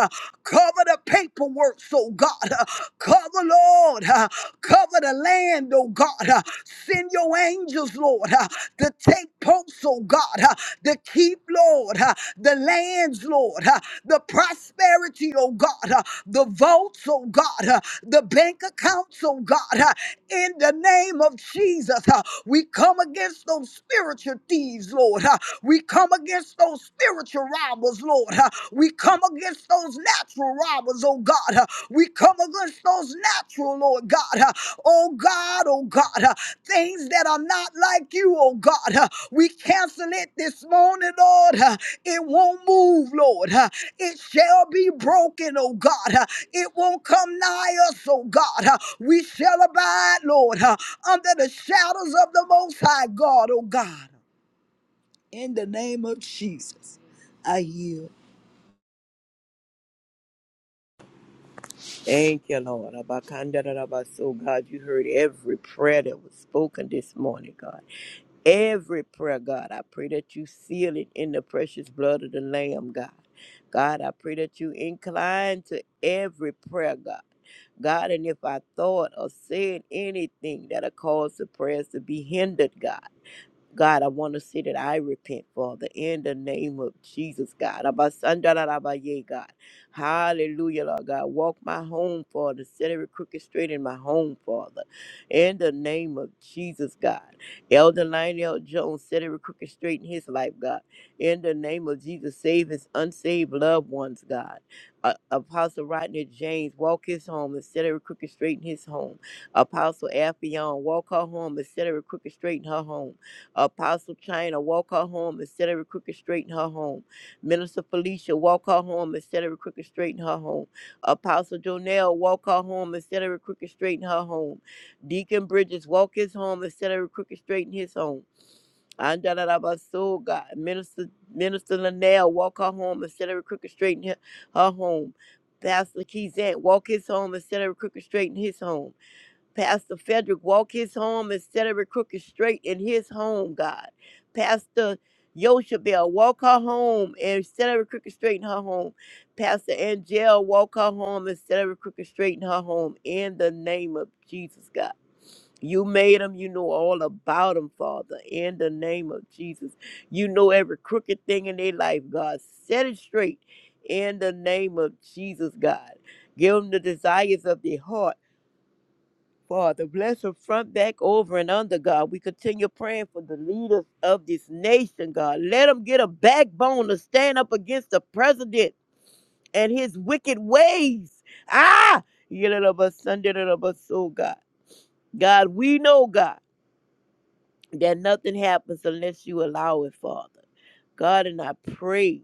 uh, Cover the paperwork, oh God. Uh, Cover, Lord. Uh, Cover the land, oh God. Uh, Send your angels, Lord, uh, to take posts, oh God, uh, to keep, Lord, uh, the lands, Lord, uh, the prosperity, oh God, uh, the votes, oh God, uh, the bank accounts, oh God, uh, in the name of Jesus. uh, We come against those spiritual thieves, Lord. uh, We come against those spiritual robbers, Lord. Uh, We come against those natural robbers, oh God. Uh, We come against those natural, Lord God. Uh, Oh God, oh God. Uh, Things that are not like you, oh God. Uh, We cancel it this morning, Lord. Uh, It won't move, Lord. Uh, It shall be broken, oh God. Uh, It won't come nigh us, oh God. Uh, We shall abide, Lord, uh, under the shadows of the Most High God, oh God. In the name of Jesus, I yield. Thank you, Lord. So, God, you heard every prayer that was spoken this morning, God. Every prayer, God, I pray that you seal it in the precious blood of the Lamb, God. God, I pray that you incline to every prayer, God. God, and if I thought or said anything that'll cause the prayers to be hindered, God. God, I want to say that I repent, Father, in the name of Jesus, God. Abasandarabaye, God. Hallelujah, Lord God. Walk my home, Father. Set every crooked straight in my home, Father. In the name of Jesus, God. Elder Lionel Jones, set every crooked straight in his life, God. In the name of Jesus, save his unsaved loved ones, God. Uh, Apostle Rodney James, walk his home and set every crooked straight in his home. Apostle Affion, walk her home and set every crooked straight in her home Apostle China, walk her home and set every crooked straight in her home. Minister Felicia, walk her home and set every crooked straight in her home. Apostle Jonell, walk her home and set every crooked straight in her home. Deacon Bridges, walk his home and set every crooked straight in his home. Andalabaso, God. Minister, Minister Linnell, walk her home and set every crooked straight in her, her home. Pastor Keyzant, walk his home and set every crooked straight in his home. Pastor Frederick, walk his home and set every crooked straight in his home, God. Pastor Yoshabel, walk her home and set every crooked straight in her home. Pastor Angel, walk her home and set every crooked straight in her home. In the name of Jesus, God. You made them. You know all about them, Father. In the name of Jesus. You know every crooked thing in their life, God. Set it straight in the name of Jesus, God. Give them the desires of their heart Father, bless her front, back, over, and under, God. We continue praying for the leaders of this nation, God. Let them get a backbone to stand up against the president and his wicked ways. Ah! so God. God, we know, God, that nothing happens unless you allow it, Father. God, and I pray,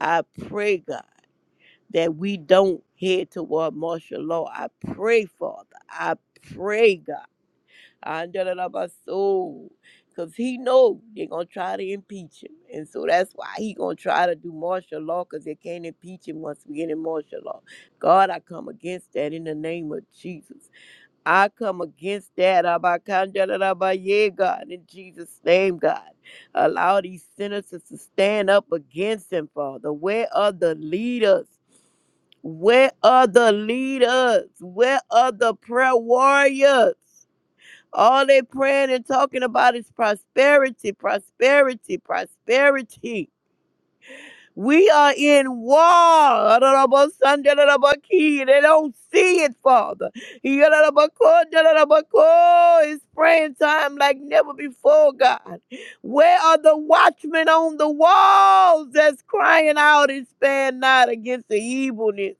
I pray, God, that we don't head toward martial law. I pray, Father. I pray, God. Andalabaso. Cause he know they're gonna try to impeach him. And so that's why he gonna try to do martial law because they can't impeach him once we get in martial law. God, I come against that in the name of Jesus. I come against that. Abakandalaba, Yeah, God, in Jesus' name, God. Allow these senators to stand up against him, Father. Where are the leaders? Where are the leaders? Where are the prayer warriors? All they praying and talking about is prosperity, prosperity, prosperity. We are in war. Adorabasandalabaki. They don't see it, Father. Yadalabakodalabako. It's praying time like never before, God. Where are the watchmen on the walls that's crying out and stand not against the evilness?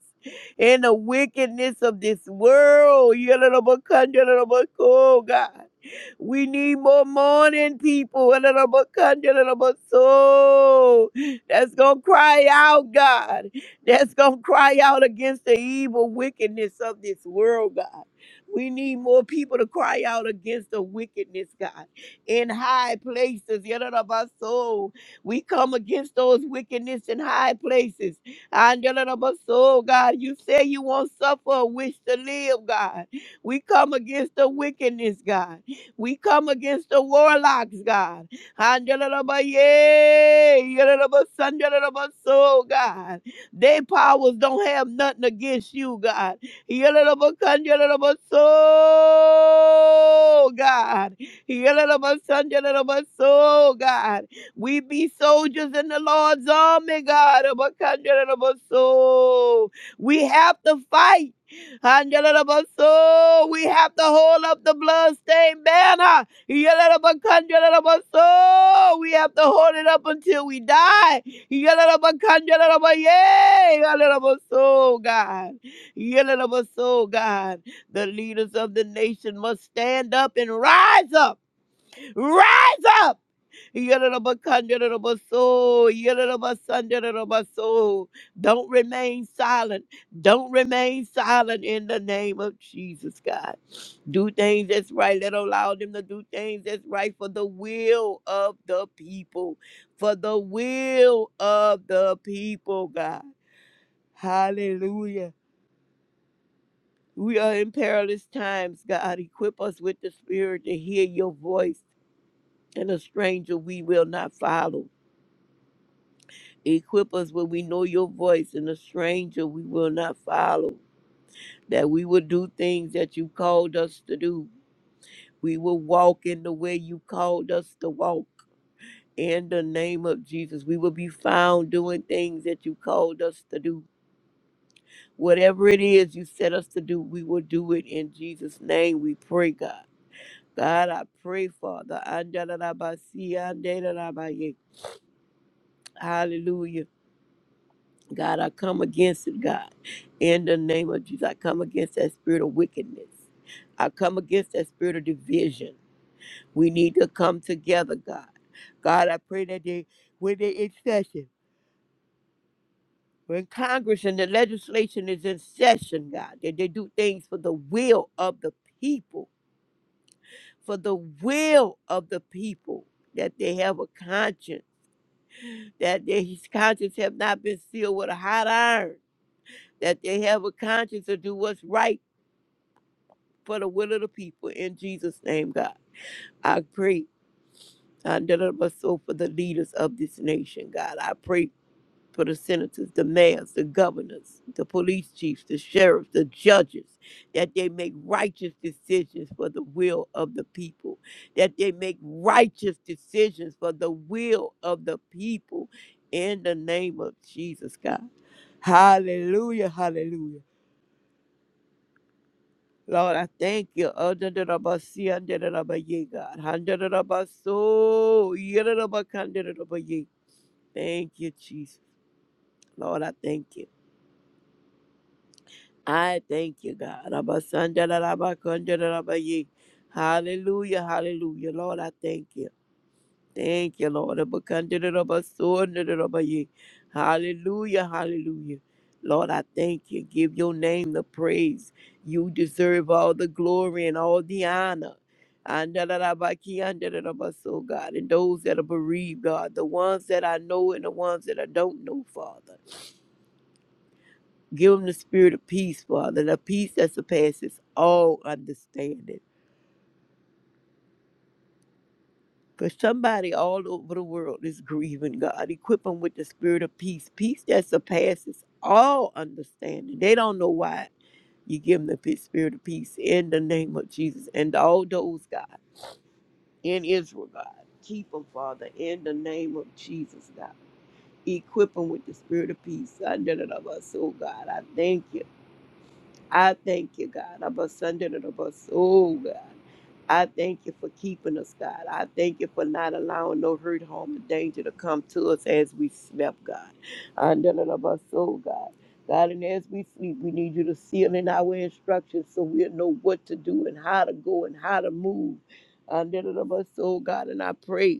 and the wickedness of this world. Yadalabakandalabako, God. We need more morning people. Yadalabakandalabaso that's going to cry out, God. That's going to cry out against the evil wickedness of this world, God. We need more people to cry out against the wickedness, God, in high places. Yadadabaso. We come against those wickedness in high places. And yadadabaso, God, you say you won't suffer a wish to live, God. We come against the wickedness, God. We come against the warlocks, God. Andalabaye, yalalabasanjalabaso, God. their powers don't have nothing against you, God. So God. So God. We be soldiers in the Lord's army, God. So We have to fight. Angela so we have to hold up the bloodstained banner. Yalalabakandalalabaso. We have to hold it up until we die. Yalalabakandalalabaye. Yalalabaso, God. Yalalabaso, God. The leaders of the nation must stand up and rise up. Rise up. Yadadabakandarobaso, yadadabasandarobaso. Don't remain silent. Don't remain silent in the name of Jesus, God. Do things that's right. Let allow them to do things that's right for the will of the people. For the will of the people, God. Hallelujah. We are in perilous times, God. Equip us with the spirit to hear your voice, and a stranger we will not follow. Equip us where we know your voice, and a stranger we will not follow. That we will do things that you called us to do. We will walk in the way you called us to walk. In the name of Jesus, we will be found doing things that you called us to do. Whatever it is you set us to do, we will do it in Jesus' name. We pray, God. God, I pray, Father. Hallelujah. God, I come against it, God. In the name of Jesus, I come against that spirit of wickedness. I come against that spirit of division. We need to come together, God. God, I pray that they, when they in session, when Congress and the legislation is in session, God, that they do things for the will of the people, for the will of the people, that they have a conscience, that their conscience have not been sealed with a hot iron, that they have a conscience to do what's right for the will of the people in Jesus' name, God. I pray under my soul for the leaders of this nation, God. I pray for the senators, the mayors, the governors, the police chiefs, the sheriffs, the judges, that they make righteous decisions for the will of the people, that they make righteous decisions for the will of the people in the name of Jesus, God. Hallelujah, hallelujah. Lord, I thank you. Adadadabasi, andadadabaye, God. Handadadabaso, yadadabakandadadabaye. Thank you, Jesus. Lord, I thank you. I thank you, God. Abasandadadabakandadadabaye. Hallelujah, hallelujah. Lord, I thank you. Thank you, Lord. Abakandidabasundidadabaye. Hallelujah, hallelujah. Lord, I thank you. Give your name the praise. You deserve all the glory and all the honor. Andadadabakiandidadabaso, God, and those that are bereaved, God, the ones that I know and the ones that I don't know, Father. Give them the spirit of peace, Father, the peace that surpasses all understanding. Because somebody all over the world is grieving God. Equip them with the spirit of peace, peace that surpasses all understanding. They don't know why you give them the pe- spirit of peace in the name of Jesus. And all those, God, in Israel, God, keep them, Father, in the name of Jesus, God. Equip them with the spirit of peace. I did it of us, oh God. I thank you. I thank you, God. Abba, Sunday, and abba, Oh, God. I thank you for keeping us, God. I thank you for not allowing no hurt, harm, or danger to come to us as we slept, God. Under and above, oh, God. God, and as we sleep, we need you to seal in our instructions so we'll know what to do and how to go and how to move. Under and above, oh, God. And I pray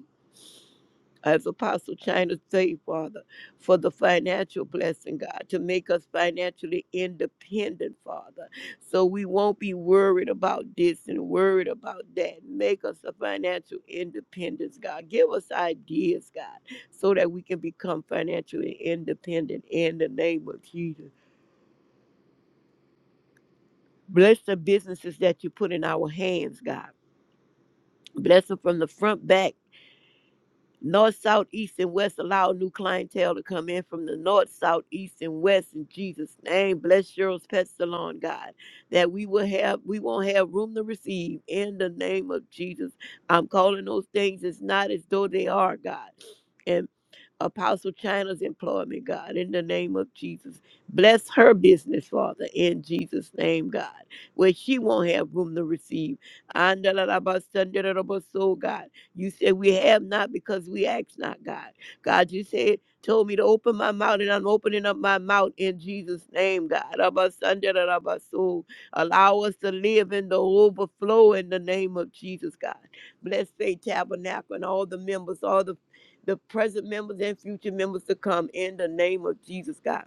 as Apostle China say, Father, for the financial blessing, God, to make us financially independent, Father. So we won't be worried about this and worried about that. Make us a financial independence, God. Give us ideas, God, so that we can become financially independent in the name of Jesus. Bless the businesses that you put in our hands, God. Bless them from the front back North, south, east, and west. Allow new clientele to come in from the north, south, east, and west in Jesus' name. Bless Cheryl's pet salon, God, that we will have, we won't have room to receive in the name of Jesus. I'm calling those things as not as though they are, God. And Apostle China's employment, God, in the name of Jesus. Bless her business, Father, in Jesus' name, God, where she won't have room to receive. And God. You said we have not because we ask not, God. God, you said, told me to open my mouth, and I'm opening up my mouth in Jesus' name, God. Abba, Sunday, da, da, ba, so. Allow us to live in the overflow in the name of Jesus, God. Bless Faith Tabernacle and all the members, all the the present members and future members to come in the name of Jesus, God.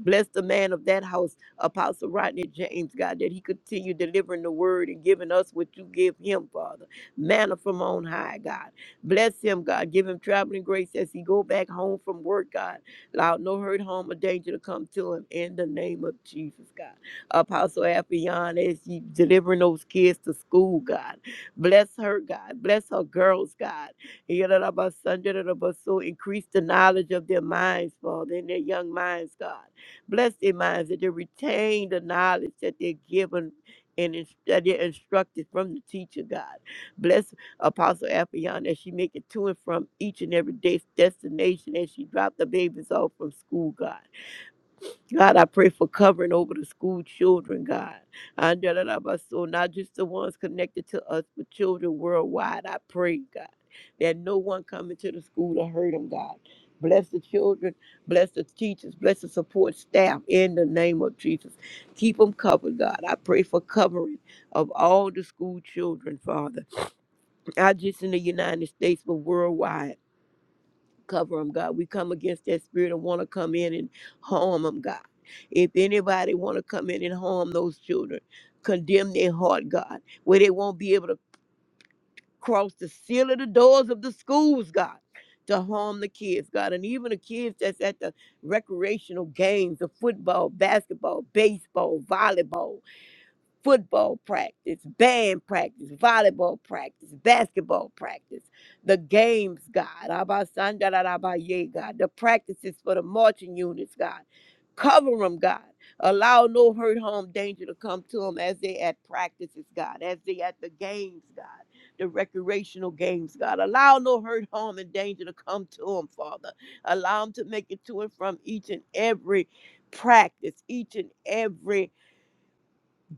Bless the man of that house, Apostle Rodney James, God, that he continue delivering the word and giving us what you give him, Father. Manna from on high, God. Bless him, God. Give him traveling grace as he go back home from work, God. Allow no hurt, harm, or danger to come to him in the name of Jesus, God. Apostle Affion, as he delivering those kids to school, God. Bless her, God. Bless her girls, God. Yadadabasun, dadadabasu. Increase the knowledge of their minds, Father, in their young minds, God Bless their minds that they retain the knowledge that they're given and ins- that they're instructed from the teacher, God. Bless Apostle Appion as she make it to and from each and every day's destination as she drop the babies off from school, God. God, I pray for covering over the school children, God. And da- da- da- ba- So not just the ones connected to us, but children worldwide. I pray, God, that no one coming to the school to hurt them, God. Bless the children, bless the teachers, bless the support staff in the name of Jesus. Keep them covered, God. I pray for covering of all the school children, Father, not just in the United States, but worldwide cover them, God. We come against that spirit and want to come in and harm them, God. If anybody want to come in and harm those children, condemn their heart, God, where they won't be able to cross the seal of the doors of the schools, God, to harm the kids, God, and even the kids that's at the recreational games, the football, basketball, baseball, volleyball football practice, band practice, volleyball practice, basketball practice, the games, God, Abasandarabaye, God, the practices for the marching units, God. Cover them, God. Allow no hurt, harm, danger to come to them as they at practices, God, as they at the games, God, the recreational games, God. Allow no hurt, harm, and danger to come to them, Father. Allow them to make it to and from each and every practice, each and every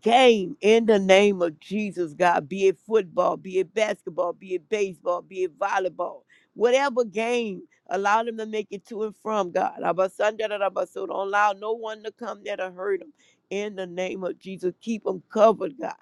game in the name of Jesus, God, be it football, be it basketball, be it baseball, be it volleyball, whatever game, allow them to make it to and from, God. Abasanda da da ba, So don't allow no one to come there to hurt them. In the name of Jesus, keep them covered, God.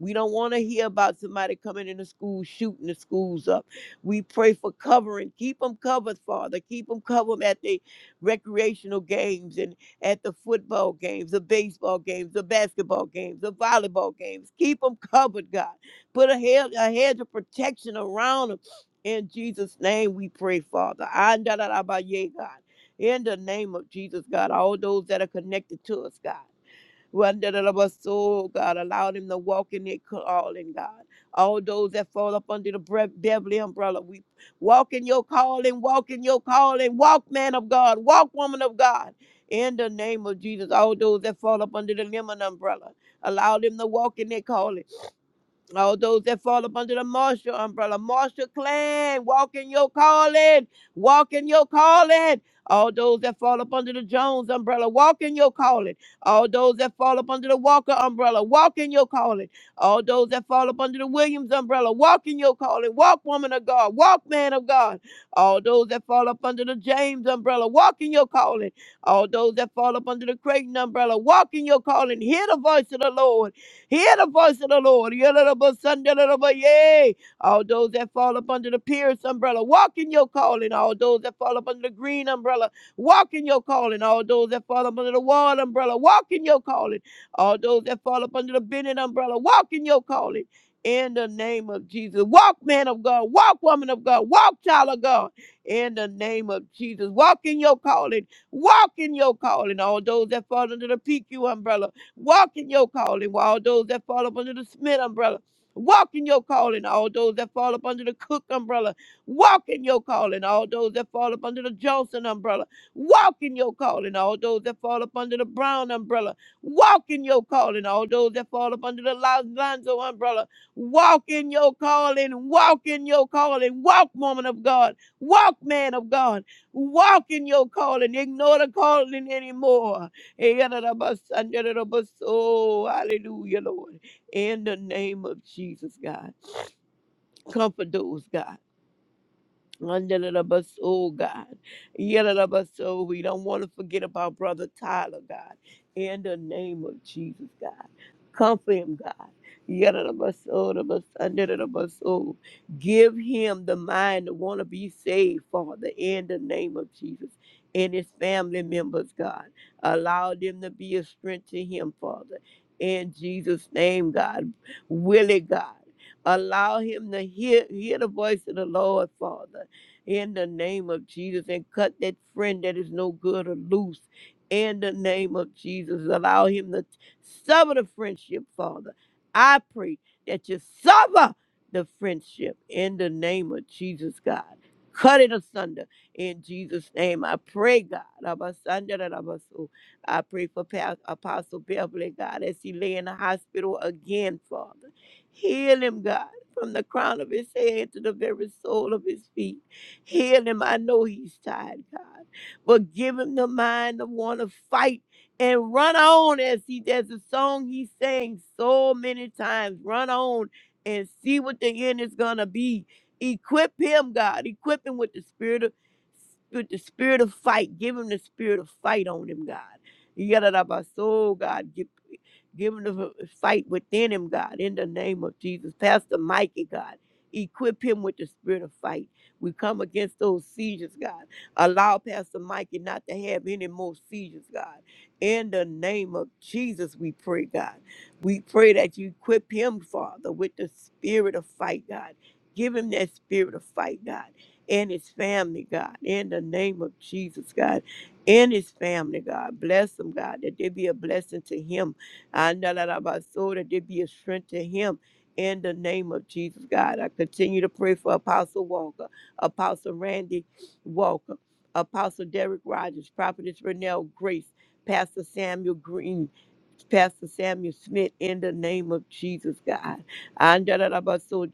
We don't want to hear about somebody coming into school, shooting the schools up. We pray for covering. Keep them covered, Father. Keep them covered at the recreational games at the football games, the baseball games, the basketball games, the volleyball games. Keep them covered, God. Put a hedge, a hedge of protection around them. In Jesus' name we pray, Father. Andalarabaye, God. In the name of Jesus, God, all those that are connected to us, God. Wandalabaso, God, allowed him to walk in their calling, God. All those that fall up under the Bre- Beverly umbrella, we walk in your calling, walk in your calling, walk, man of God, walk, woman of God. In the name of Jesus, all those that fall up under the Lemon umbrella, allow them to walk in their calling. All those that fall up under the Marshall umbrella, Marshall clan, walk in your calling, walk in your calling. All those that fall up under the Jones umbrella, walk in your calling. All those that fall up under the Walker umbrella, walk in your calling. All those that fall up under the Williams umbrella, walk in your calling. Walk, woman of God, walk, man of God. All those that fall up under the James umbrella, walk in your calling. All those that fall up under the Creighton umbrella, walk in your calling. Hear the voice of the Lord. Hear the voice of the Lord. Yadadabasandaladabaya. All those that fall up under the Pierce umbrella, walk in your calling. All those that fall up under the Green umbrella, walk in your calling. All those that fall up under the Wall umbrella, walk in your calling. All those that fall up under the Bennett umbrella, walk in your calling. In the name of Jesus. Walk, man of God. Walk, woman of God. Walk, child of God. In the name of Jesus. Walk in your calling. Walk in your calling. All those that fall under the PQ umbrella. Walk in your calling, while all those that fall up under the Smith umbrella. Walk in your calling, all those that fall up under the Cook umbrella. Walk in your calling, all those that fall up under the Johnson umbrella. Walk in your calling, all those that fall up under the Brown umbrella. Walk in your calling, all those that fall up under the Lonzo umbrella. Walk in your calling, walk in your calling, walk, woman of God, walk, man of God, walk in your calling. Ignore the calling anymore. Oh, hallelujah, Lord. In the name of Jesus, God. Comfort those, God. Under the bus, oh God. Yellow the bus, oh, we don't want to forget about Brother Tyler, God. In the name of Jesus, God. Comfort him, God. Yellow the bus, oh, the bus, under the bus, oh. Give him the mind to want to be saved, Father, in the name of Jesus. And his family members, God. Allow them to be a strength to him, Father. In Jesus' name, God. Will it, God. Allow him to hear, hear the voice of the Lord, Father in the name of Jesus and cut that friend that is no good or loose in the name of Jesus. Allow him to sever the friendship, Father. I pray that you sever the friendship in the name of Jesus, God. Cut it asunder in Jesus' name. I pray, God. Abasandarabaso. I pray for Pa- Apostle Beverly, God, as he lay in the hospital again, Father. Heal him, God, from the crown of his head to the very sole of his feet. Heal him. I know he's tired, God. But give him the mind to want to fight and run on as he there's a song he sang so many times. Run on and see what the end is gonna be. Equip him, God. Equip him with the spirit of with the spirit of fight. Give him the spirit of fight on him, God. You got it up our soul, God. Give, give him the fight within him, God, in the name of Jesus. Pastor Mikey, God. Equip him with the spirit of fight we come against those seizures, God. Allow Pastor Mikey not to have any more seizures, God. In the name of Jesus, we pray, God. We pray that you equip him, Father, with the spirit of fight, God. Give him that spirit of fight, God, and his family, God. In the name of Jesus, God. And his family, God. Bless him, God, that there be a blessing to him. I know that about soul, that there be a strength to him. In the name of Jesus, God. I continue to pray for Apostle Walker. Apostle Randy Walker, Apostle Derek Rogers, Prophetess Renelle Grace, Pastor Samuel Green, Pastor Samuel Smith in the name of Jesus, God. And da- da- ba- so,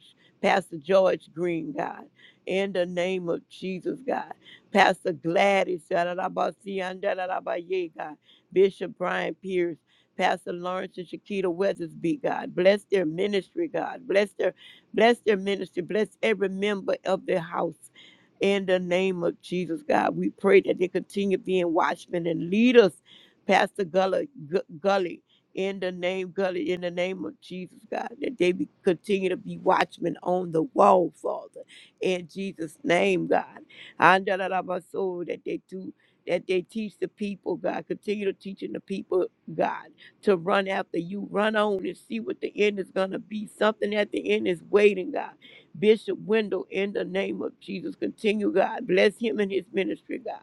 Pastor George Green, God, in the name of Jesus, God. Pastor Gladys, da- da- da- ba- si- da- da- ba- yea, God. Bishop Brian Pierce, Pastor Lawrence and Shakita Weathersby, God. Bless their ministry, God. Bless their bless their ministry. Bless every member of their house. In the name of Jesus, God, we pray that they continue being watchmen and leaders Pastor Gully, Gu- Gully, in the name Gully, in the name of Jesus, God, that they be, continue to be watchmen on the wall, Father, in Jesus' name, God. Andalarabaso, That they do, that they teach the people, God, continue to teaching the people, God, to run after you, run on and see what the end is gonna be. Something at the end is waiting, God. Bishop Wendell, in the name of Jesus, continue, God, bless him and his ministry, God.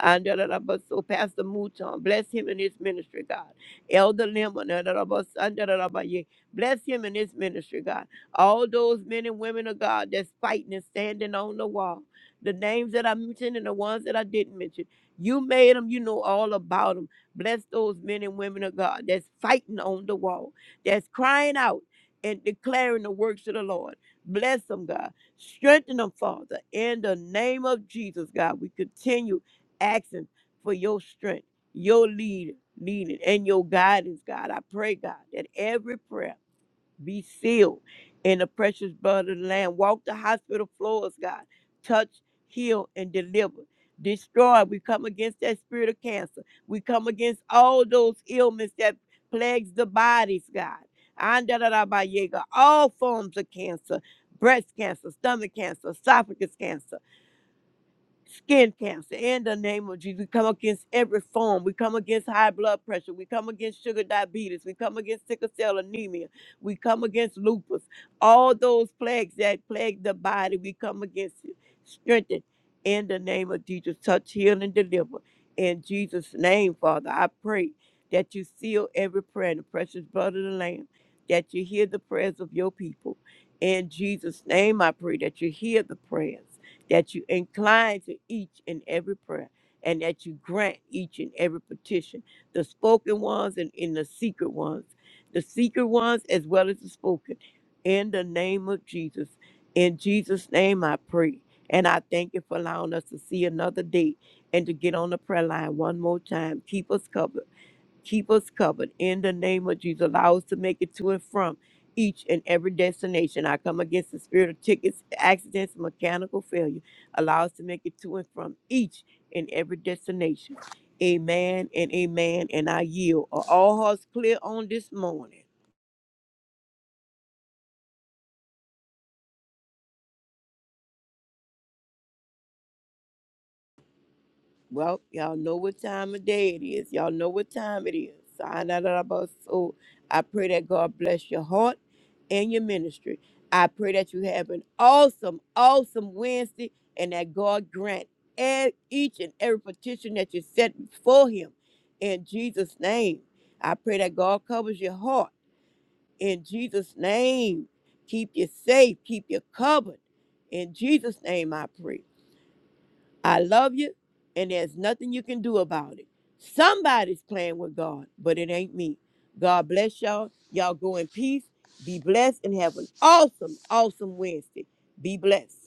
And da- da- da- but so Pastor Mouton, bless him in his ministry, God. Elder Lemon, da- da- da- but son, da- da- da- but yeah, bless him in his ministry, God. All those men and women of God that's fighting and standing on the wall. The names that I mentioned and the ones that I didn't mention. You made them, you know all about them. Bless those men and women of God that's fighting on the wall, that's crying out and declaring the works of the Lord. Bless them, God. Strengthen them, Father. In the name of Jesus, God, we continue asking for your strength, your lead, leading, and your guidance, God. I pray, God, that every prayer be sealed in the precious blood of the Lamb. Walk the hospital floors, God. Touch, heal, and deliver. Destroy. We come against that spirit of cancer. We come against all those ailments that plagues the bodies, God. Andalarabayega, All forms of cancer, breast cancer, stomach cancer, esophagus cancer skin cancer in the name of Jesus. We come against every form. We come against high blood pressure. We come against sugar diabetes. We come against sickle cell anemia. We come against lupus. All those plagues that plague the body, we come against it. Strengthen in the name of Jesus. Touch, heal, and deliver. In Jesus' name, Father, I pray that you seal every prayer in the precious blood of the Lamb, that you hear the prayers of your people. In Jesus' name, I pray that you hear the prayers that you incline to each and every prayer, and that you grant each and every petition, the spoken ones and in the secret ones, the secret ones as well as the spoken. In the name of Jesus, in Jesus' name I pray. And I thank you for allowing us to see another day and to get on the prayer line one more time. Keep us covered Keep us covered in the name of Jesus. Allow us to make it to and from each and every destination. I come against the spirit of tickets, accidents, mechanical failure. Allow us to make it to and from each and every destination. Amen and amen. And I yield. Are all hearts clear on this morning? Well, y'all know what time of day it is. Y'all know what time it is. So I know that about- so I pray that God bless your heart and your ministry. I pray that you have an awesome, awesome Wednesday and that God grant e- each and every petition that you set before Him in Jesus' name. I pray that God covers your heart in Jesus' name. Keep you safe, keep you covered. In Jesus' name, I pray. I love you, and there's nothing you can do about it. Somebody's playing with God, but it ain't me. God bless y'all. Y'all go in peace. Be blessed and have an awesome, awesome Wednesday. Be blessed.